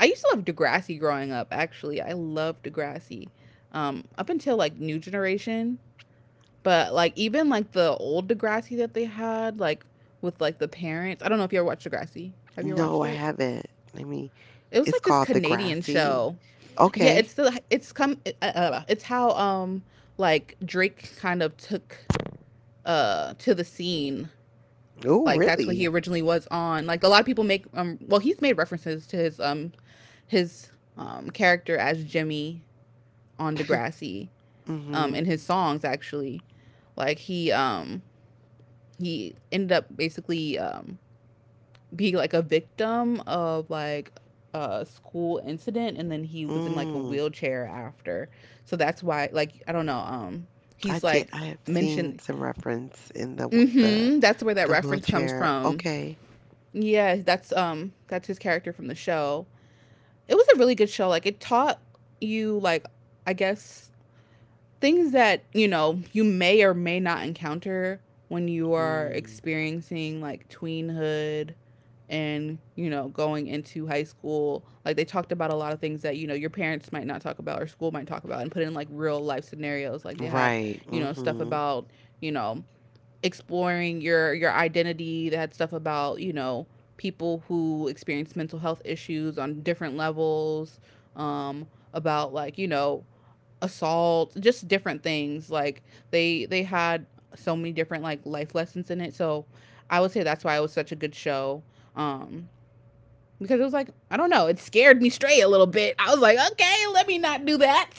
Speaker 1: I used to love Degrassi growing up. Actually, I loved Degrassi. Up until like New Generation, but like even like the old Degrassi that they had, like with like the parents. I don't know if you ever watched Degrassi. Have you ever
Speaker 2: No,
Speaker 1: watched
Speaker 2: I
Speaker 1: it?
Speaker 2: haven't. Let me.
Speaker 1: It was
Speaker 2: It's
Speaker 1: like this
Speaker 2: called The
Speaker 1: Canadian
Speaker 2: Grassy.
Speaker 1: show. Yeah,
Speaker 2: Okay.
Speaker 1: it's the it's how like Drake kind of took to the scene.
Speaker 2: Oh,
Speaker 1: Like that's what he
Speaker 2: really?
Speaker 1: originally was on. Like a lot of people make well he's made references to his character as Jimmy on Degrassi in
Speaker 2: Mhm.
Speaker 1: his songs actually. Like he ended up basically being like a victim of like a school incident and then he was in like a
Speaker 2: Mm.
Speaker 1: wheelchair after, so that's why like I don't know,
Speaker 2: I
Speaker 1: he's
Speaker 2: did.
Speaker 1: like
Speaker 2: I have seen
Speaker 1: mentioned.
Speaker 2: some reference in
Speaker 1: Mm-hmm, that's where that
Speaker 2: the
Speaker 1: reference comes
Speaker 2: wheelchair.
Speaker 1: from.
Speaker 2: Okay.
Speaker 1: Yeah, that's his character from the show. It was a really good show. Like it taught you like I guess things that you know you may or may not encounter when you are
Speaker 2: Mm.
Speaker 1: experiencing like tweenhood and you know going into high school. Like they talked about a lot of things that you know your parents might not talk about or school might talk about and put in like real life scenarios. Like they had
Speaker 2: Right.
Speaker 1: you know stuff
Speaker 2: Mhm.
Speaker 1: about you know exploring your identity, they had stuff about you know people who experience mental health issues on different levels, um about like you know assault, just different things. Like they had so many different like life lessons in it. So I would say that's why it was such a good show. Um because it was like, I don't know, it scared me straight a little bit. I was like, okay, let me not do that.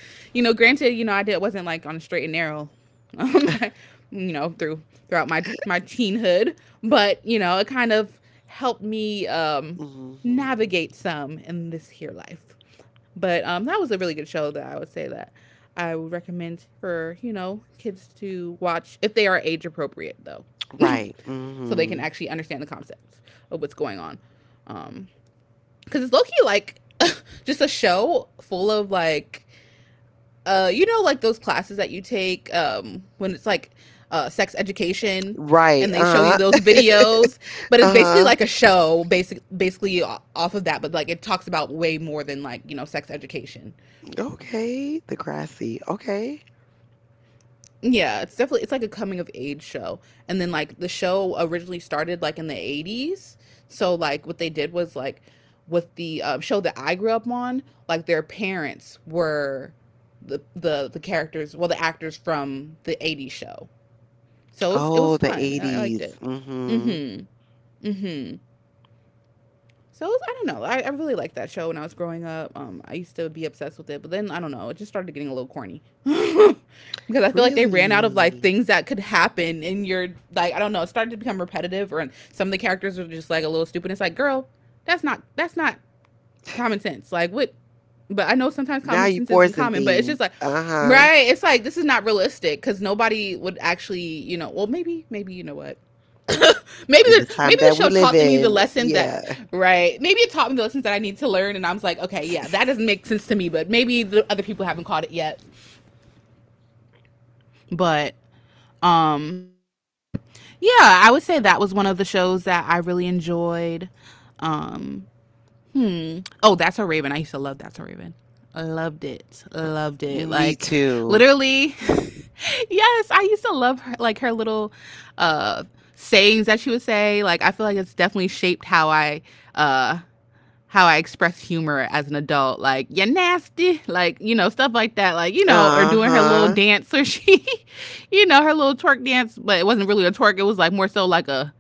Speaker 1: You know, granted, you know, I did wasn't like on a straight and narrow. Um, you know, throughout my teenhood, but you know, it kind of helped me
Speaker 2: Mhm.
Speaker 1: navigate some in this here life. But that was a really good show, that I would say that I would recommend for you know kids to watch if they are age appropriate though,
Speaker 2: Right.
Speaker 1: so they can
Speaker 2: Mhm.
Speaker 1: actually understand the concepts of what's going on. Um, because it's low key like just a show full of like you know like those classes that you take when it's like sex education
Speaker 2: Right.
Speaker 1: and they show you
Speaker 2: Uh-huh.
Speaker 1: those videos. But it's basically
Speaker 2: Uh-huh.
Speaker 1: like a show basically off of that, but like it talks about way more than like you know sex education.
Speaker 2: Okay. The grassy. Okay.
Speaker 1: Yeah, it's definitely it's like a coming of age show. And then like the show originally started like in the 80s. So like what they did was like with the show that I grew up on, like their parents were the characters, well the actors from the 80s show. So it
Speaker 2: Oh,
Speaker 1: was
Speaker 2: the
Speaker 1: fun. I liked
Speaker 2: 80s.
Speaker 1: it.
Speaker 2: Mm-hmm.
Speaker 1: Mhm. Mhm. So it was- I don't know. I really liked that show when I was growing up. I used to be obsessed with it, but then I don't know. It just started getting a little corny because I feel like they ran out of like
Speaker 2: Really?
Speaker 1: things that could happen in your like I don't know. It started to become repetitive, or some of the characters are just like a little stupid. It's like, girl, that's not common sense. Like what? But I know sometimes
Speaker 2: Now
Speaker 1: common
Speaker 2: you
Speaker 1: sense isn't
Speaker 2: forcing
Speaker 1: common, but it's
Speaker 2: things.
Speaker 1: just like.
Speaker 2: Uh-huh.
Speaker 1: Right, it's like this is not realistic because nobody would actually, you know. Well, maybe, maybe you know what? maybe
Speaker 2: In the
Speaker 1: the
Speaker 2: time
Speaker 1: maybe the
Speaker 2: that we
Speaker 1: show
Speaker 2: live
Speaker 1: taught me the
Speaker 2: in.
Speaker 1: lesson that
Speaker 2: Yeah.
Speaker 1: right. Maybe it taught me the lessons that I need to learn, and I was like, okay, yeah, that doesn't make sense to me, but maybe the other people haven't caught it yet. But um, yeah, I would say that was one of the shows that I really enjoyed. Um, hmm. Oh, that's a Raven. I used to love That's a Raven. Loved it. Loved it.
Speaker 2: Me
Speaker 1: Like
Speaker 2: too.
Speaker 1: literally. Yes, I used to love her like her little uh sayings that she would say. Like I feel like it's definitely shaped uh how I express humor as an adult, like "you're nasty," like you know stuff like that, like you know, or doing her little
Speaker 2: Uh-huh.
Speaker 1: dance or she, you know, her little twerk dance, but it wasn't really a twerk. It was like more so like a,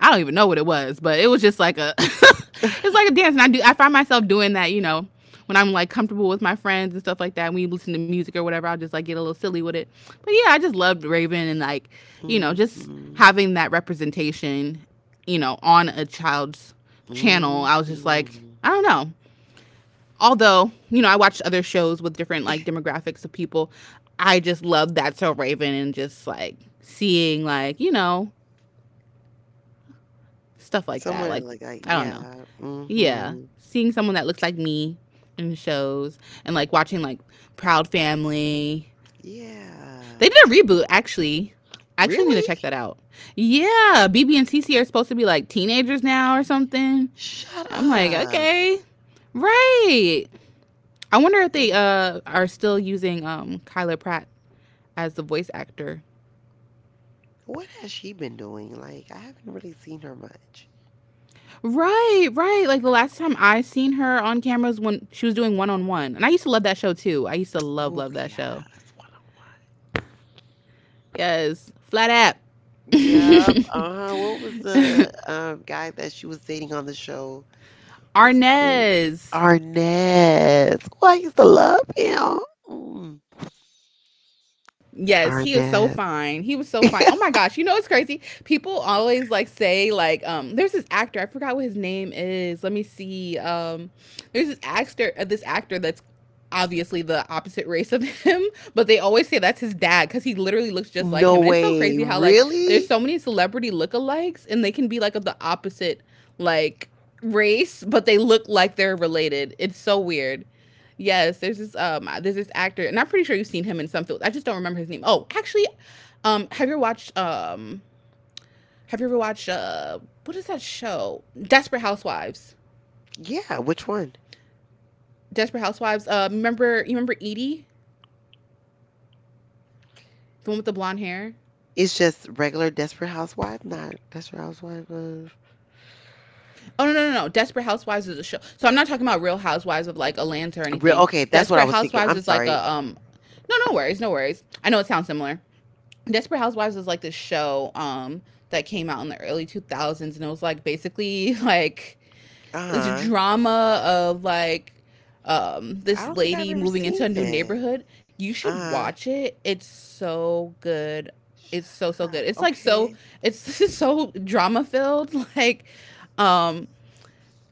Speaker 1: I don't even know what it was, but it was just like a, it's like a dance, and I find myself doing that, you know, when I'm like comfortable with my friends and stuff like that. When you listen to music or whatever, I'll just like get a little silly with it. But yeah, I just loved Raven and like you know just
Speaker 2: Mhm.
Speaker 1: having that representation, you know, on a child's channel, I was just like,
Speaker 2: Mhm.
Speaker 1: I don't know. Although, you know, I watched other shows with different like demographics of people. I just loved that so Raven and just like seeing like, you know, stuff like
Speaker 2: Someone
Speaker 1: that.
Speaker 2: that
Speaker 1: Like,
Speaker 2: like I
Speaker 1: I don't know.
Speaker 2: yeah.
Speaker 1: Yeah.
Speaker 2: Mhm.
Speaker 1: Seeing someone that looks like me in shows and like watching like Proud Family. They
Speaker 2: Yeah.
Speaker 1: did a reboot actually. I actually need to
Speaker 2: Really?
Speaker 1: check that out. Yeah, BB and CC are supposed to be like teenagers now or something.
Speaker 2: Shut
Speaker 1: I'm like,
Speaker 2: up.
Speaker 1: okay, right. I wonder if they
Speaker 2: Uh,
Speaker 1: are still using Kyla Pratt as the voice actor.
Speaker 2: What has she been doing? Like I haven't really seen her much.
Speaker 1: Right, right. Like the last time I seen her on cameras when she was doing one on one. And I used to love that show too. I used to love
Speaker 2: Oh
Speaker 1: love that
Speaker 2: yeah,
Speaker 1: show.
Speaker 2: it's one on one.
Speaker 1: Yes. Flat app.
Speaker 2: Yep. Uh-huh. What was the guy that she was dating on the show? What's his name?
Speaker 1: Arnez.
Speaker 2: Arnaz. Oh, I used to love him. Mm.
Speaker 1: Yes, he is so
Speaker 2: Arnaz.
Speaker 1: fine. He was so fine. Oh my gosh, you know it's crazy. People always like say like there's this actor, I forgot what his name is. Let me see. There's this actor that's obviously the opposite race of him, but they always say that's his dad cuz he literally looks just like
Speaker 2: No
Speaker 1: him. And it's so
Speaker 2: way.
Speaker 1: crazy how like there's
Speaker 2: Really?
Speaker 1: so many celebrity lookalikes and they can be like of the opposite like race, but they look like they're related. It's so weird. Yes, there's this actor, and I'm pretty sure you've seen him in some films. I just don't remember his name. Oh, actually, um, have you ever watched um have you ever watched what is that show? Desperate Housewives.
Speaker 2: Yeah, which one?
Speaker 1: Desperate Housewives. Remember Edie, the one with the blonde hair?
Speaker 2: It's just regular Desperate Housewife, not Desperate Housewife of
Speaker 1: Oh no no no no! Desperate Housewives is a show. So I'm not talking about Real Housewives of like Atlanta or
Speaker 2: real.
Speaker 1: anything.
Speaker 2: Okay, that's what I
Speaker 1: Desperate
Speaker 2: was thinking.
Speaker 1: Housewives
Speaker 2: I'm
Speaker 1: is like
Speaker 2: sorry.
Speaker 1: a no no worries no worries. I know it sounds similar. Desperate Housewives is like this show that came out in the early 2000s and it was like basically like
Speaker 2: Uh
Speaker 1: this
Speaker 2: huh.
Speaker 1: drama of like
Speaker 2: I
Speaker 1: this
Speaker 2: don't think I've
Speaker 1: lady
Speaker 2: ever
Speaker 1: moving into
Speaker 2: seen
Speaker 1: a new
Speaker 2: that.
Speaker 1: neighborhood. You should
Speaker 2: Uh
Speaker 1: watch it. It's so good. It's so so
Speaker 2: huh.
Speaker 1: good. It's like
Speaker 2: Okay.
Speaker 1: so it's so drama filled um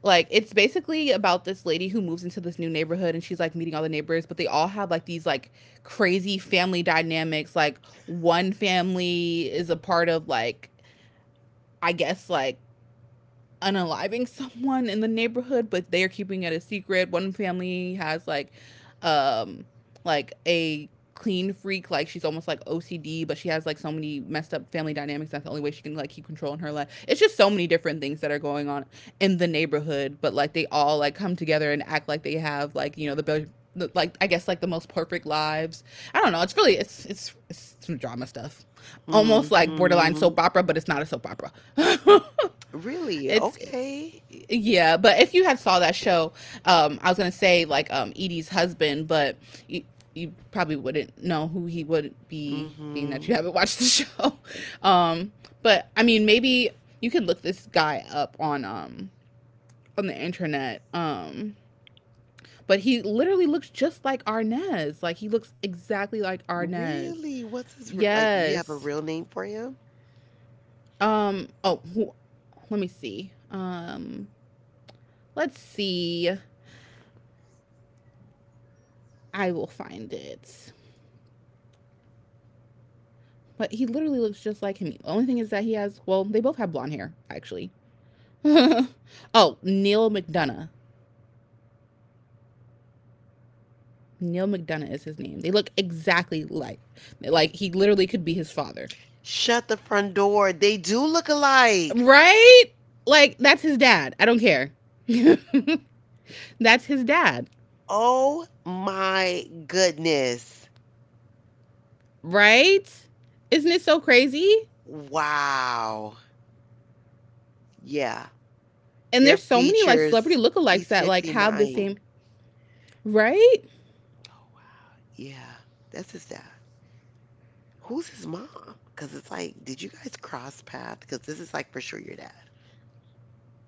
Speaker 1: like it's basically about this lady who moves into this new neighborhood and she's like meeting all the neighbors but they all have like these like crazy family dynamics like one family is a part of like I guess like unaliving someone in the neighborhood, but they are keeping it a secret. One family has um, like a clean freak like she's almost like ocd but she has like so many messed up family dynamics that's the only way she can like keep control in her life it's just so many different things that are going on in the neighborhood but like they all like come together and act like they have like you know the like I guess like the most perfect lives I don't know it's really it's some drama stuff almost like borderline
Speaker 2: Mm-hmm.
Speaker 1: soap opera but it's not a soap opera
Speaker 2: Really?
Speaker 1: it's
Speaker 2: Okay.
Speaker 1: yeah, but if you had saw that show, I was gonna say like Edie's husband, but you, you probably wouldn't know who he would be, being that
Speaker 2: Mm-hmm.
Speaker 1: you haven't watched the show. Um, but I mean, maybe you could look this guy up on the internet. But he literally looks just like Arnez. Like he looks exactly like Arnez.
Speaker 2: Really? What's his re- like? You have a
Speaker 1: Yes.
Speaker 2: real name for him?
Speaker 1: Oh, who, let me see. Let's see. I will find it. But he literally looks just like him. The only thing is that he has, well, they both have blonde hair, actually. Oh, Neil McDonough. Neil McDonough is his name. They look exactly like he literally could be his father,
Speaker 2: Shut the front door. They do look alike.
Speaker 1: right? Like that's his dad. I don't care. That's his dad,
Speaker 2: Oh my goodness.
Speaker 1: right? Isn't it so crazy?
Speaker 2: Wow. Yeah.
Speaker 1: And
Speaker 2: Their
Speaker 1: there's so many like celebrity
Speaker 2: features.
Speaker 1: lookalikes
Speaker 2: He's
Speaker 1: that like have the
Speaker 2: 59.
Speaker 1: same, right?
Speaker 2: Yeah, that's his dad. Who's his mom? Because it's like, did you guys cross paths? Because this is like for sure your dad.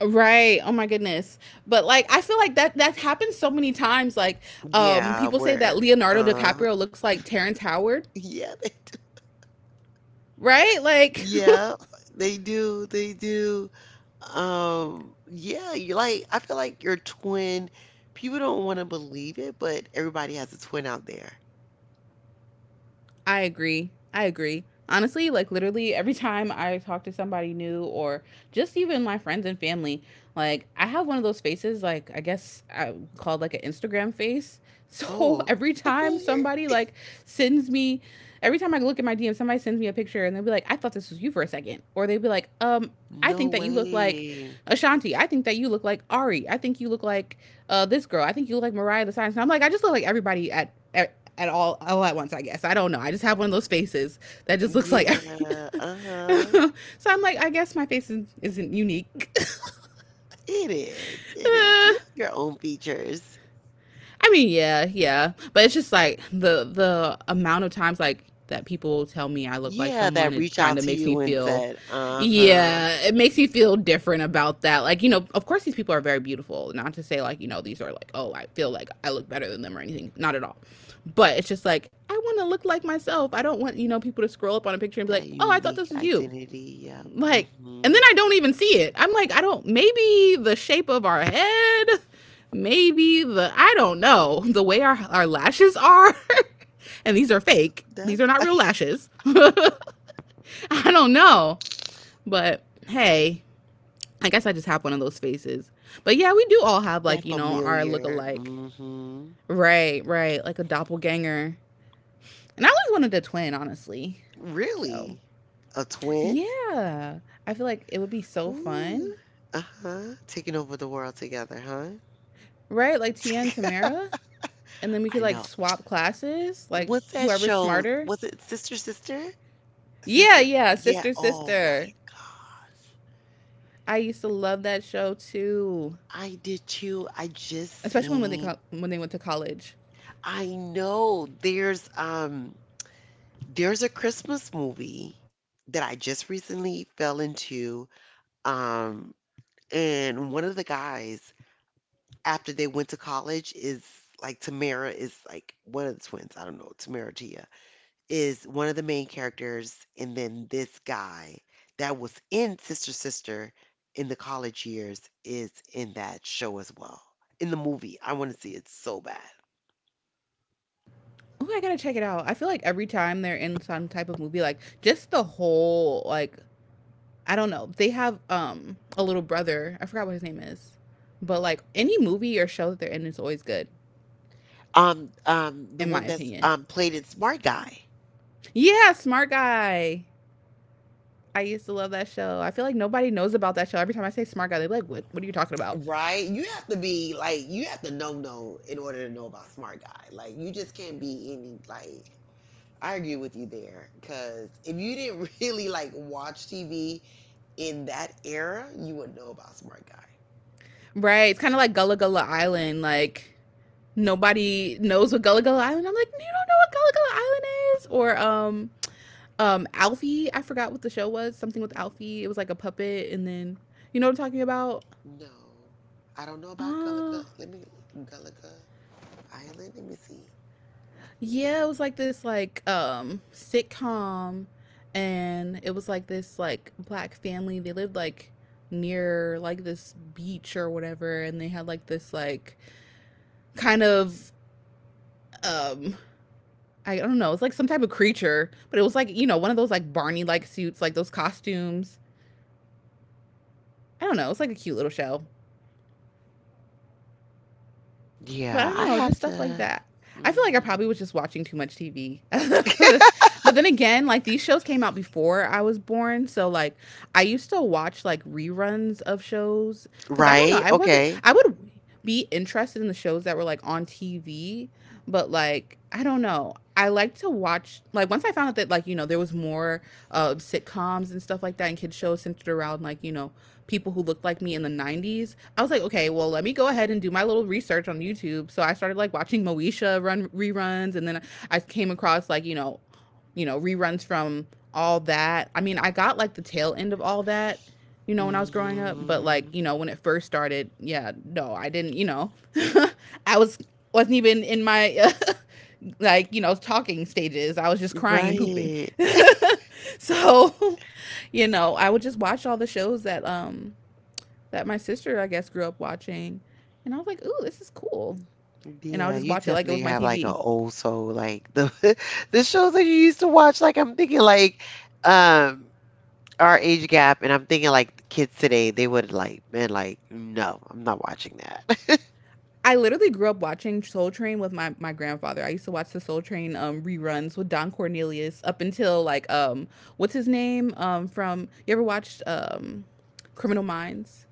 Speaker 1: Right. Oh my goodness. But like I feel like that's happened so many times. Like
Speaker 2: Yeah,
Speaker 1: people say that
Speaker 2: where,
Speaker 1: Leonardo
Speaker 2: uh,
Speaker 1: DiCaprio looks like Terrence Howard,
Speaker 2: yeah, they do.
Speaker 1: right? Like
Speaker 2: Yeah, they do. They do. Yeah, you like, I feel like your twin, people don't want to believe it, but everybody has a twin out there.
Speaker 1: I agree. I agree. Honestly, like literally every time I talk to somebody new or just even my friends and family, like I have one of those faces, like I guess I called like an Instagram face. So
Speaker 2: Oh,
Speaker 1: every time
Speaker 2: okay.
Speaker 1: somebody like sends me, every time I look at my DM, somebody sends me a picture and they'll be like, I thought this was you for a second. Or they'll be like, I
Speaker 2: No
Speaker 1: think that you look like
Speaker 2: way.
Speaker 1: Ashanti. I think that you look like Ari. I think you look like this girl. I think you look like Mariah the Science. And I'm like, I just look like everybody at all at once I guess I don't know I just have one of those faces that just looks like every...
Speaker 2: Yeah, uh-huh.
Speaker 1: So I'm like I guess my face isn't unique
Speaker 2: It is. It is. You
Speaker 1: uh,
Speaker 2: have your own features.
Speaker 1: I mean, yeah, yeah, but it's just like the amount of times like that people tell me I look like
Speaker 2: Yeah,
Speaker 1: someone,
Speaker 2: that
Speaker 1: it
Speaker 2: reach out
Speaker 1: kind of
Speaker 2: to
Speaker 1: makes me
Speaker 2: you and
Speaker 1: feel,
Speaker 2: said, uh-huh.
Speaker 1: yeah, it makes me feel different about that. Like, you know, of course, these people are very beautiful. Not to say, like, you know, these are like, oh, I feel like I look better than them or anything. Not at all. But it's just like, I want to look like myself. I don't want, you know, people to scroll up on a picture and be
Speaker 2: That
Speaker 1: like, oh, I thought
Speaker 2: unique
Speaker 1: this was you.
Speaker 2: identity. Yep.
Speaker 1: Like, and then
Speaker 2: Mm-hmm.
Speaker 1: I don't even see it. I'm like, I don't, maybe the shape of our head, maybe the, I don't know, the way our lashes are. And these are
Speaker 2: I'm so
Speaker 1: fake,
Speaker 2: done.
Speaker 1: these are not real lashes. I don't know. But hey, I guess I just have one of those faces. But yeah, we do all have like,
Speaker 2: That
Speaker 1: you know, our look
Speaker 2: familiar.
Speaker 1: alike.
Speaker 2: Mm-hmm.
Speaker 1: Right, right. Like a doppelganger. And I always wanted a twin, honestly. So
Speaker 2: Really? A twin?
Speaker 1: yeah, I feel like it would be so fun.
Speaker 2: Ooh. Uh-huh. Taking over the world together, huh?
Speaker 1: Right, like Tia and Tamara, and then we could
Speaker 2: I
Speaker 1: like
Speaker 2: know.
Speaker 1: swap classes, like
Speaker 2: What's that
Speaker 1: whoever's
Speaker 2: show?
Speaker 1: smarter.
Speaker 2: Was it Sister Sister?
Speaker 1: Yeah,
Speaker 2: Sister?
Speaker 1: yeah,
Speaker 2: Yeah.
Speaker 1: sister,
Speaker 2: Oh my
Speaker 1: sister.
Speaker 2: gosh.
Speaker 1: I used to love that show too,
Speaker 2: I did too. I just
Speaker 1: especially when they
Speaker 2: seen
Speaker 1: when they went to college.
Speaker 2: I know there's a Christmas movie that I just recently fell into. Um and one of the guys after they went to college is like Tamara is like one of the twins, I don't know, Tamara Tia is one of the main characters and then this guy that was in Sister Sister in the college years is in that show as well. In the movie. I want to see it so bad.
Speaker 1: Oh, I gotta check it out. I feel like every time they're in some type of movie, like just the whole like I don't know. They have a little brother. I forgot what his name is, but like any movie or show that they're in is always good,
Speaker 2: The
Speaker 1: in my
Speaker 2: one that's
Speaker 1: opinion.
Speaker 2: played in Smart Guy.
Speaker 1: Yeah, smart guy. I used to love that show. I feel like nobody knows about that show. Every time I say Smart Guy, they're like, "What? What are you talking about?"
Speaker 2: Right? You have to be like you have to know in order to know about smart guy. Like you just can't be any like. I agree with you there because if you didn't really like watch TV in that era, you wouldn't know about smart guy.
Speaker 1: Right? It's kind of like Gullah Gullah Island. Like nobody knows what Gullah Gullah Island. I'm like, you don't know what Gullah Gullah Island is, or Alfie. I forgot what the show was. Something with Alfie. It was like a puppet, and then you know what I'm talking about.
Speaker 2: No, I don't know about Gulliga.
Speaker 1: Oh,
Speaker 2: Let me Gulliga Island. Let me see.
Speaker 1: yeah, it was like this like sitcom, and it was like this like black family. They lived like near like this beach or whatever, and they had like this like kind of um I don't know, it's like some type of creature, but it was like, one of those like Barney like suits, like those costumes. I don't know, it's like a cute little show. But I
Speaker 2: Yeah,
Speaker 1: don't
Speaker 2: I
Speaker 1: know, just
Speaker 2: have
Speaker 1: stuff like
Speaker 2: to.
Speaker 1: that. I feel like I probably
Speaker 2: Mhm.
Speaker 1: was just watching too much TV. But then again, like these shows came out before I was born, so like I used to watch like reruns of shows, cuz I don't know,
Speaker 2: Right?
Speaker 1: I wasn't
Speaker 2: Okay.
Speaker 1: I would be interested in the shows that were like on TV, but like I don't know. I like to watch like once I found out that like there was more sitcoms and stuff like that and kids shows centered around like people who looked like me in the 90s. I was like, okay, well, let me go ahead and do my little research on YouTube. So I started like watching Moesha run reruns, and then I came across like, reruns from all that. I mean, I got like the tail end of all that, when I was growing up, but like,
Speaker 2: Mhm.
Speaker 1: when it first started, yeah, no, I didn't. I wasn't even in my like talking stages. I was just crying and pooping.
Speaker 2: Right.
Speaker 1: So I would just watch all the shows that that my sister I guess grew up watching, and I was like, ooh, this is cool. And I would
Speaker 2: Yeah,
Speaker 1: just
Speaker 2: you
Speaker 1: watch it like it
Speaker 2: definitely
Speaker 1: was my
Speaker 2: have like an
Speaker 1: TV.
Speaker 2: old soul, like the the shows that you used to watch. Like I'm thinking, like um our age gap, and I'm thinking like the kids today, they would like been like, no, I'm not watching that.
Speaker 1: I literally grew up watching Soul Train with my grandfather. I used to watch the Soul Train reruns with Don Cornelius up until like what's his name, from, you ever watched Criminal Minds?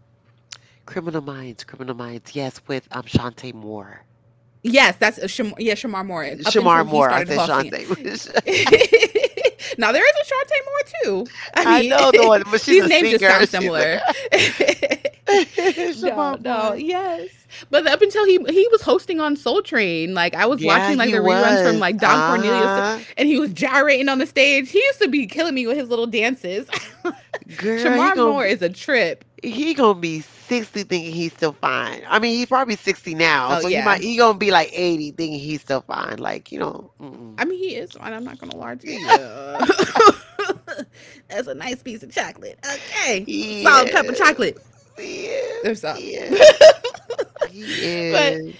Speaker 2: Criminal Minds, Criminal Minds, yes, with Shantae Moore,
Speaker 1: Yes, that's a Shamar Moore, up
Speaker 2: Shamar
Speaker 1: until he
Speaker 2: Moore. I
Speaker 1: started
Speaker 2: said
Speaker 1: hosting
Speaker 2: Shantae.
Speaker 1: it. Now there is a Shartay Moore too. I
Speaker 2: I
Speaker 1: mean,
Speaker 2: know the one, but she's
Speaker 1: these
Speaker 2: a
Speaker 1: names just
Speaker 2: singer.
Speaker 1: sound
Speaker 2: She's like
Speaker 1: similar. no,
Speaker 2: Shamar
Speaker 1: no,
Speaker 2: Moore.
Speaker 1: yes. But up until he was hosting on Soul Train, like I was
Speaker 2: Yeah,
Speaker 1: watching like
Speaker 2: he
Speaker 1: the reruns from
Speaker 2: was.
Speaker 1: like Don Cornelius,
Speaker 2: Uh-huh.
Speaker 1: and he was gyrating on the stage. He used to be killing me with his little dances.
Speaker 2: Girl,
Speaker 1: Shamar Moore is a trip.
Speaker 2: he gonna be 60 thinking he's still fine. I mean, he's probably 60 now,
Speaker 1: Oh
Speaker 2: so
Speaker 1: yeah,
Speaker 2: he gonna be like 80 thinking he's still fine. Like, you know,
Speaker 1: I
Speaker 2: mm-mm.
Speaker 1: mean, he is fine. I'm not gonna lie to you. That's a nice piece of chocolate. Okay, solid pepper
Speaker 2: Yes,
Speaker 1: chocolate.
Speaker 2: yes,
Speaker 1: There's up. But
Speaker 2: yes. He is. He is.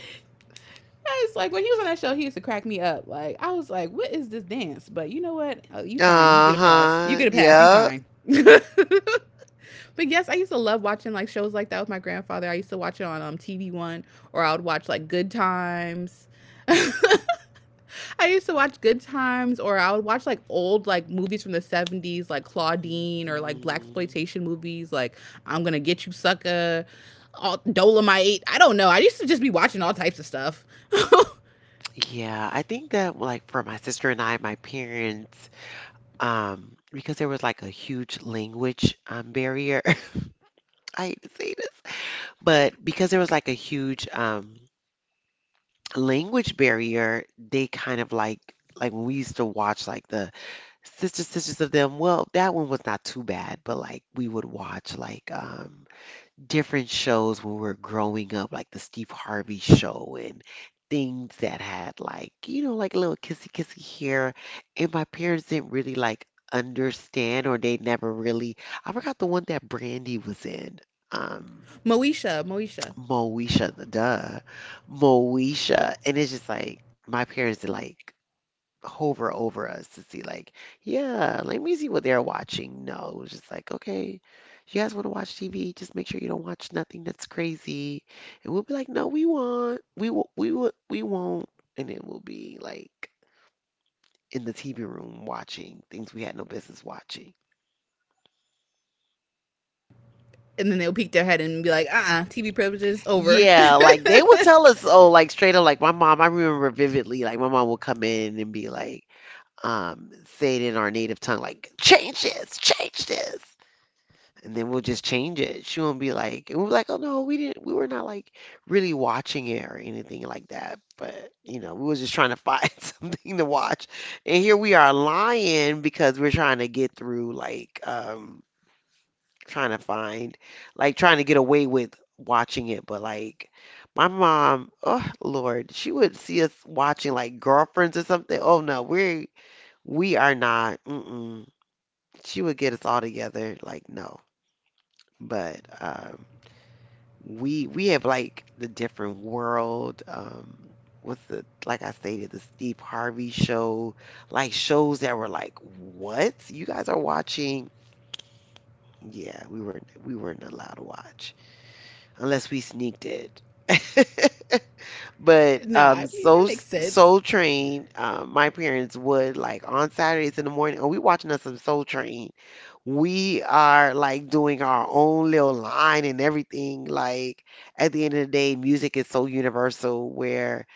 Speaker 1: it's like when he was on that show, he used to crack me up. Like I was like, "What is this dance?" But you know what? Oh, you fine. You get a pass. You
Speaker 2: Uh-huh.
Speaker 1: get a pass. You
Speaker 2: Yep.
Speaker 1: fine. But yes, I used to love watching like shows like that with my grandfather. I used to watch it on TV One, or I would watch like Good Times. I used to watch Good Times, or I would watch like old like movies from the 70s, like Claudine, or like black
Speaker 2: Mhm.
Speaker 1: exploitation movies, like I'm Gonna Get You Sucker, all, Dolomite. I don't know. I used to just be watching all types of stuff.
Speaker 2: Yeah, I think that like for my sister and I, my parents, because there was like a huge language barrier. I hate to say this, but because there was like a huge language barrier, they kind of like when we used to watch like the Sister Sisters of them. Well, that one was not too bad, but like we would watch like different shows when we were growing up, like the Steve Harvey show and things that had like, like little kissy kissy here. And my parents didn't really like understand or they never really I forgot the one that Brandy was in. um,
Speaker 1: Moesha, Moesha,
Speaker 2: Moesha, duh, Moesha, and it's just like my parents did like hover over us to see like, yeah, let me see what they're watching. No, it was just like, okay, you guys want to watch TV? Just make sure you don't watch nothing that's crazy, and we'll be like, no, we want, we will, we won't, and then we'll be like in the TV room watching things we had no business watching.
Speaker 1: and then they'll peek their head and be like, uh, TV privileges over."
Speaker 2: Yeah, like they would tell us, oh, like straight up, like my mom, I remember vividly, like my mom would come in and be like, um, say it in our native tongue, like change this, and then we'll just change it. She won't be like, and we'll be like, oh no, we didn't, we were not like really watching it or anything like that. But you know, we was just trying to find something to watch, and here we are lying because we're trying to get through, like, trying to find, like, trying to get away with watching it, but like. My mom, oh Lord, she would see us watching like girlfriends or something. Oh no, we are not. Mm-mm. She would get us all together. Like, no. But we have like the different world. What's the like I stated, the Steve Harvey show, like shows that were like, what? You guys are watching? Yeah, we weren't allowed to watch unless we sneaked it. But
Speaker 1: No, I mean that makes sense.
Speaker 2: Soul Train, my parents would like on Saturdays in the morning. Oh, we watching us some Soul Train. We are like doing our own little line and everything. Like at the end of the day, music is so universal. Where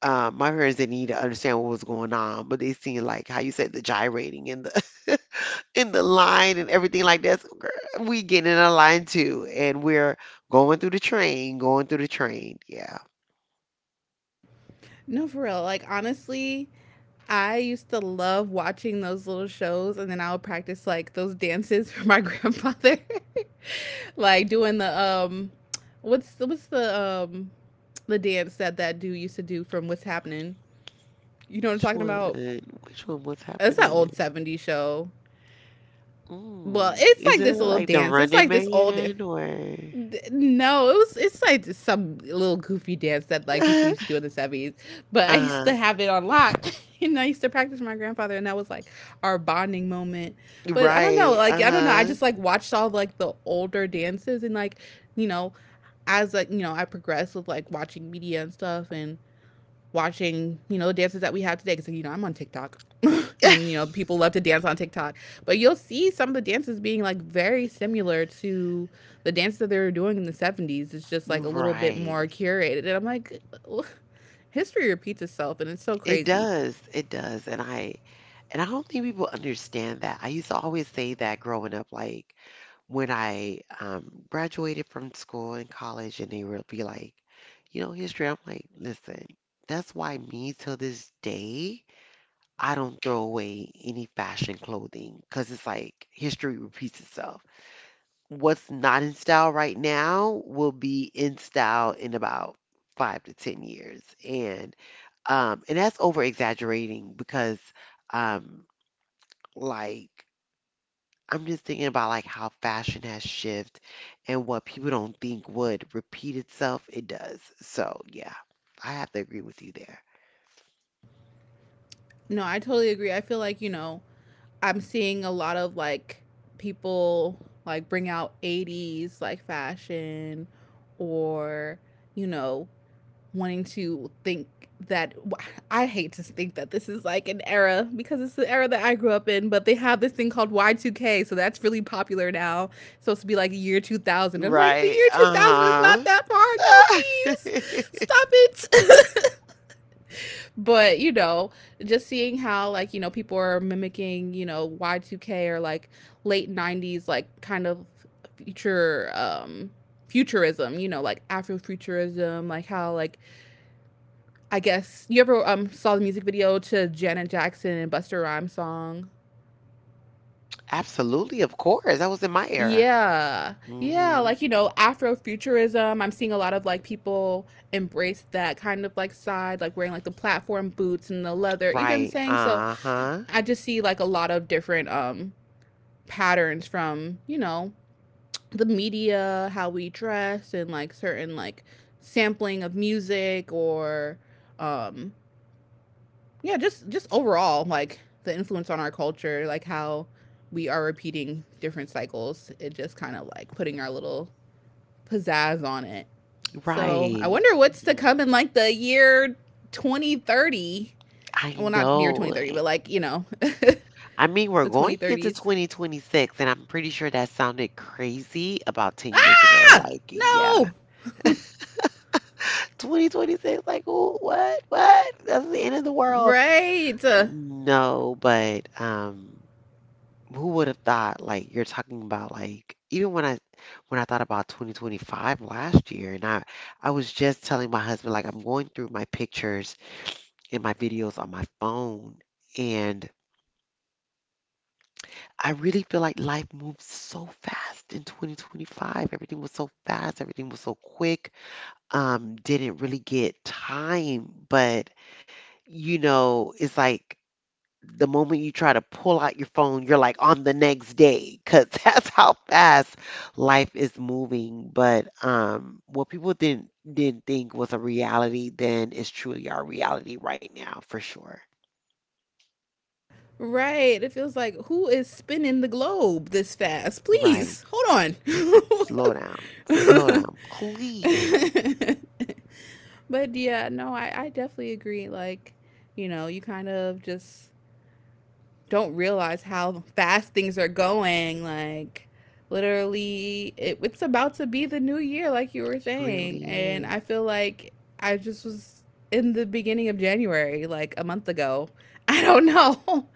Speaker 2: my parents didn't need to understand what was going on, but they seen like how you said the gyrating and the in the line and everything like that. So, girl, we getting in a line too, and we're going through the train, going through the train. Yeah.
Speaker 1: No, for real. Like honestly, I used to love watching those little shows, and then I would practice like those dances for my grandfather. Like doing the what's the dance that that dude used to do from What's Happening? You know what I'm
Speaker 2: Which
Speaker 1: talking
Speaker 2: one?
Speaker 1: about?
Speaker 2: Which one? What's
Speaker 1: It's that old
Speaker 2: happening?
Speaker 1: '70s show. Well,
Speaker 2: Mm.
Speaker 1: it's
Speaker 2: Is
Speaker 1: like
Speaker 2: it
Speaker 1: this little
Speaker 2: like the
Speaker 1: dance. It's
Speaker 2: Running
Speaker 1: like this old dance.
Speaker 2: Man or?
Speaker 1: No, it was. It's like some little goofy dance that like people used to do in the '70s. But I used to
Speaker 2: Uh-huh.
Speaker 1: have it on lock, and I used to practice with my grandfather, and that was like our bonding moment. But I don't know,
Speaker 2: Right.
Speaker 1: like I don't know. I
Speaker 2: Uh-huh.
Speaker 1: just like watched all like the older dances, and like you know as like I progressed with like watching media and stuff, and watching the dances that we have today, because I'm on TikTok. And people love to dance on TikTok, but you'll see some of the dances being like very similar to the dances that they were doing in the 70s. It's just like a little bit more
Speaker 2: Right.
Speaker 1: curated, and I'm like, history repeats itself, and it's so
Speaker 2: It
Speaker 1: crazy.
Speaker 2: does. It does. And I don't think people understand that. I used to always say that growing up, like when I graduated from school and college, and they would be like, you know, history. I'm like, listen, that's why me till this day. I don't throw away any fashion clothing because it's like history repeats itself. What's not in style right now will be in style in about 5 to 10 years, and and that's over exaggerating because um, like I'm just thinking about like how fashion has shifted and what people don't think would repeat itself, it does. So yeah, I have to agree with you there.
Speaker 1: No, I totally agree. I feel like I'm seeing a lot of like people like bring out 80s like fashion, or you know wanting to think that I hate to think that this is like an era because it's the era that I grew up in, but they have this thing called Y2K, so that's really popular now. It's supposed to be like the year 2000. I'm like, the
Speaker 2: Right.
Speaker 1: year 2000 is not
Speaker 2: Uh-huh.
Speaker 1: that far ago, please stop it. But just seeing how like people are mimicking Y2K or like late 90s, like kind of future futurism, like afrofuturism. Like how like I guess you ever saw the music video to Janet Jackson and Busta Rhymes song?
Speaker 2: Absolutely, of course. That was in my era.
Speaker 1: Yeah, yeah,
Speaker 2: Hmm.
Speaker 1: like afrofuturism, I'm seeing a lot of like people embrace that kind of like side, like wearing like the platform boots and the leather. You get what I'm
Speaker 2: Right.
Speaker 1: saying? So
Speaker 2: Uh-huh.
Speaker 1: I just see like a lot of different patterns from, you know, the media, how we dress and like certain like sampling of music, or um yeah, just overall like the influence on our culture, like how we are repeating different cycles. It just kind of like putting our little pizzazz on it. So, I
Speaker 2: Right.
Speaker 1: wonder what's to
Speaker 2: Mhm.
Speaker 1: come in like the year 2030.
Speaker 2: I
Speaker 1: Well, not year
Speaker 2: know.
Speaker 1: 2030, but like, you know,
Speaker 2: I mean, we're
Speaker 1: the
Speaker 2: going into
Speaker 1: 2030s.
Speaker 2: 2026, and I'm pretty sure that sounded crazy about 10 years ago.
Speaker 1: Ah!
Speaker 2: Like, yeah,
Speaker 1: No!
Speaker 2: 2026, like, oh, what, what? That's the end of the world.
Speaker 1: Right.
Speaker 2: No, but who would have thought like you're talking about like even when I thought about 2025 last year and I was just telling my husband like I'm going through my pictures and my videos on my phone and I really feel like life moved so fast in 2025. Everything was so fast, everything was so quick. Didn't really get time, but you know, it's like the moment you try to pull out your phone, you're like on the next day because that's how fast life is moving. But what people didn't think was a reality then is truly our reality right now for sure.
Speaker 1: Right. It feels like who is spinning the globe this fast?
Speaker 2: Right.
Speaker 1: Please, hold on.
Speaker 2: Slow down. Slow down, please.
Speaker 1: But yeah, no, I definitely agree. Like, you know, you kind of just don't realize how fast things are going. Like, literally, it's about to be the new year, like you were
Speaker 2: It
Speaker 1: saying.
Speaker 2: really
Speaker 1: And
Speaker 2: is.
Speaker 1: I feel like I just was in the beginning of January, like a month ago. I don't know.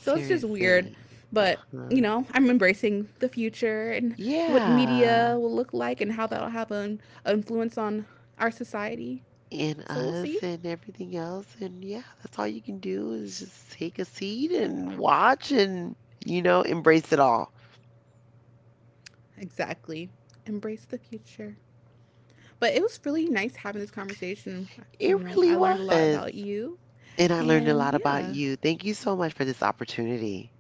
Speaker 1: So it's just weird. But, you
Speaker 2: Uh-huh.
Speaker 1: know, I'm embracing the future and what
Speaker 2: Yeah.
Speaker 1: media will look like and how that'll have an influence on our society.
Speaker 2: And
Speaker 1: So we'll
Speaker 2: us
Speaker 1: see.
Speaker 2: and everything else. And yeah, that's all you can do is just take a seat and watch and, you know, embrace it all.
Speaker 1: Exactly. Embrace the future. But it was really nice having this conversation.
Speaker 2: It
Speaker 1: You know,
Speaker 2: really
Speaker 1: I learned a lot
Speaker 2: was.
Speaker 1: about you.
Speaker 2: And I learned a lot
Speaker 1: And
Speaker 2: about
Speaker 1: yeah,
Speaker 2: you. Thank you so much for this opportunity.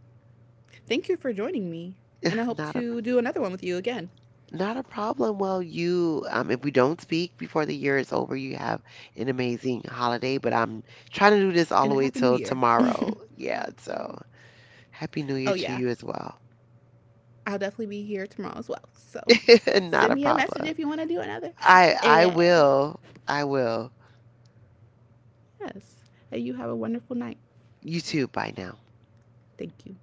Speaker 1: thank you for joining me. And I hope
Speaker 2: Not a
Speaker 1: to do another one with you again.
Speaker 2: not a problem. Well, you if we don't speak before the year is over, you have an amazing holiday, but I'm trying to do this all the
Speaker 1: And a
Speaker 2: way
Speaker 1: happy new
Speaker 2: till
Speaker 1: year.
Speaker 2: tomorrow. Yeah, so happy new year
Speaker 1: Oh,
Speaker 2: to
Speaker 1: yeah,
Speaker 2: you as well.
Speaker 1: I'll definitely be here tomorrow as well. So
Speaker 2: Not
Speaker 1: send
Speaker 2: a
Speaker 1: me a message
Speaker 2: problem.
Speaker 1: if you want to do another.
Speaker 2: I
Speaker 1: And
Speaker 2: will. I will.
Speaker 1: yes, and you have a wonderful night.
Speaker 2: You too. Bye now.
Speaker 1: Thank you.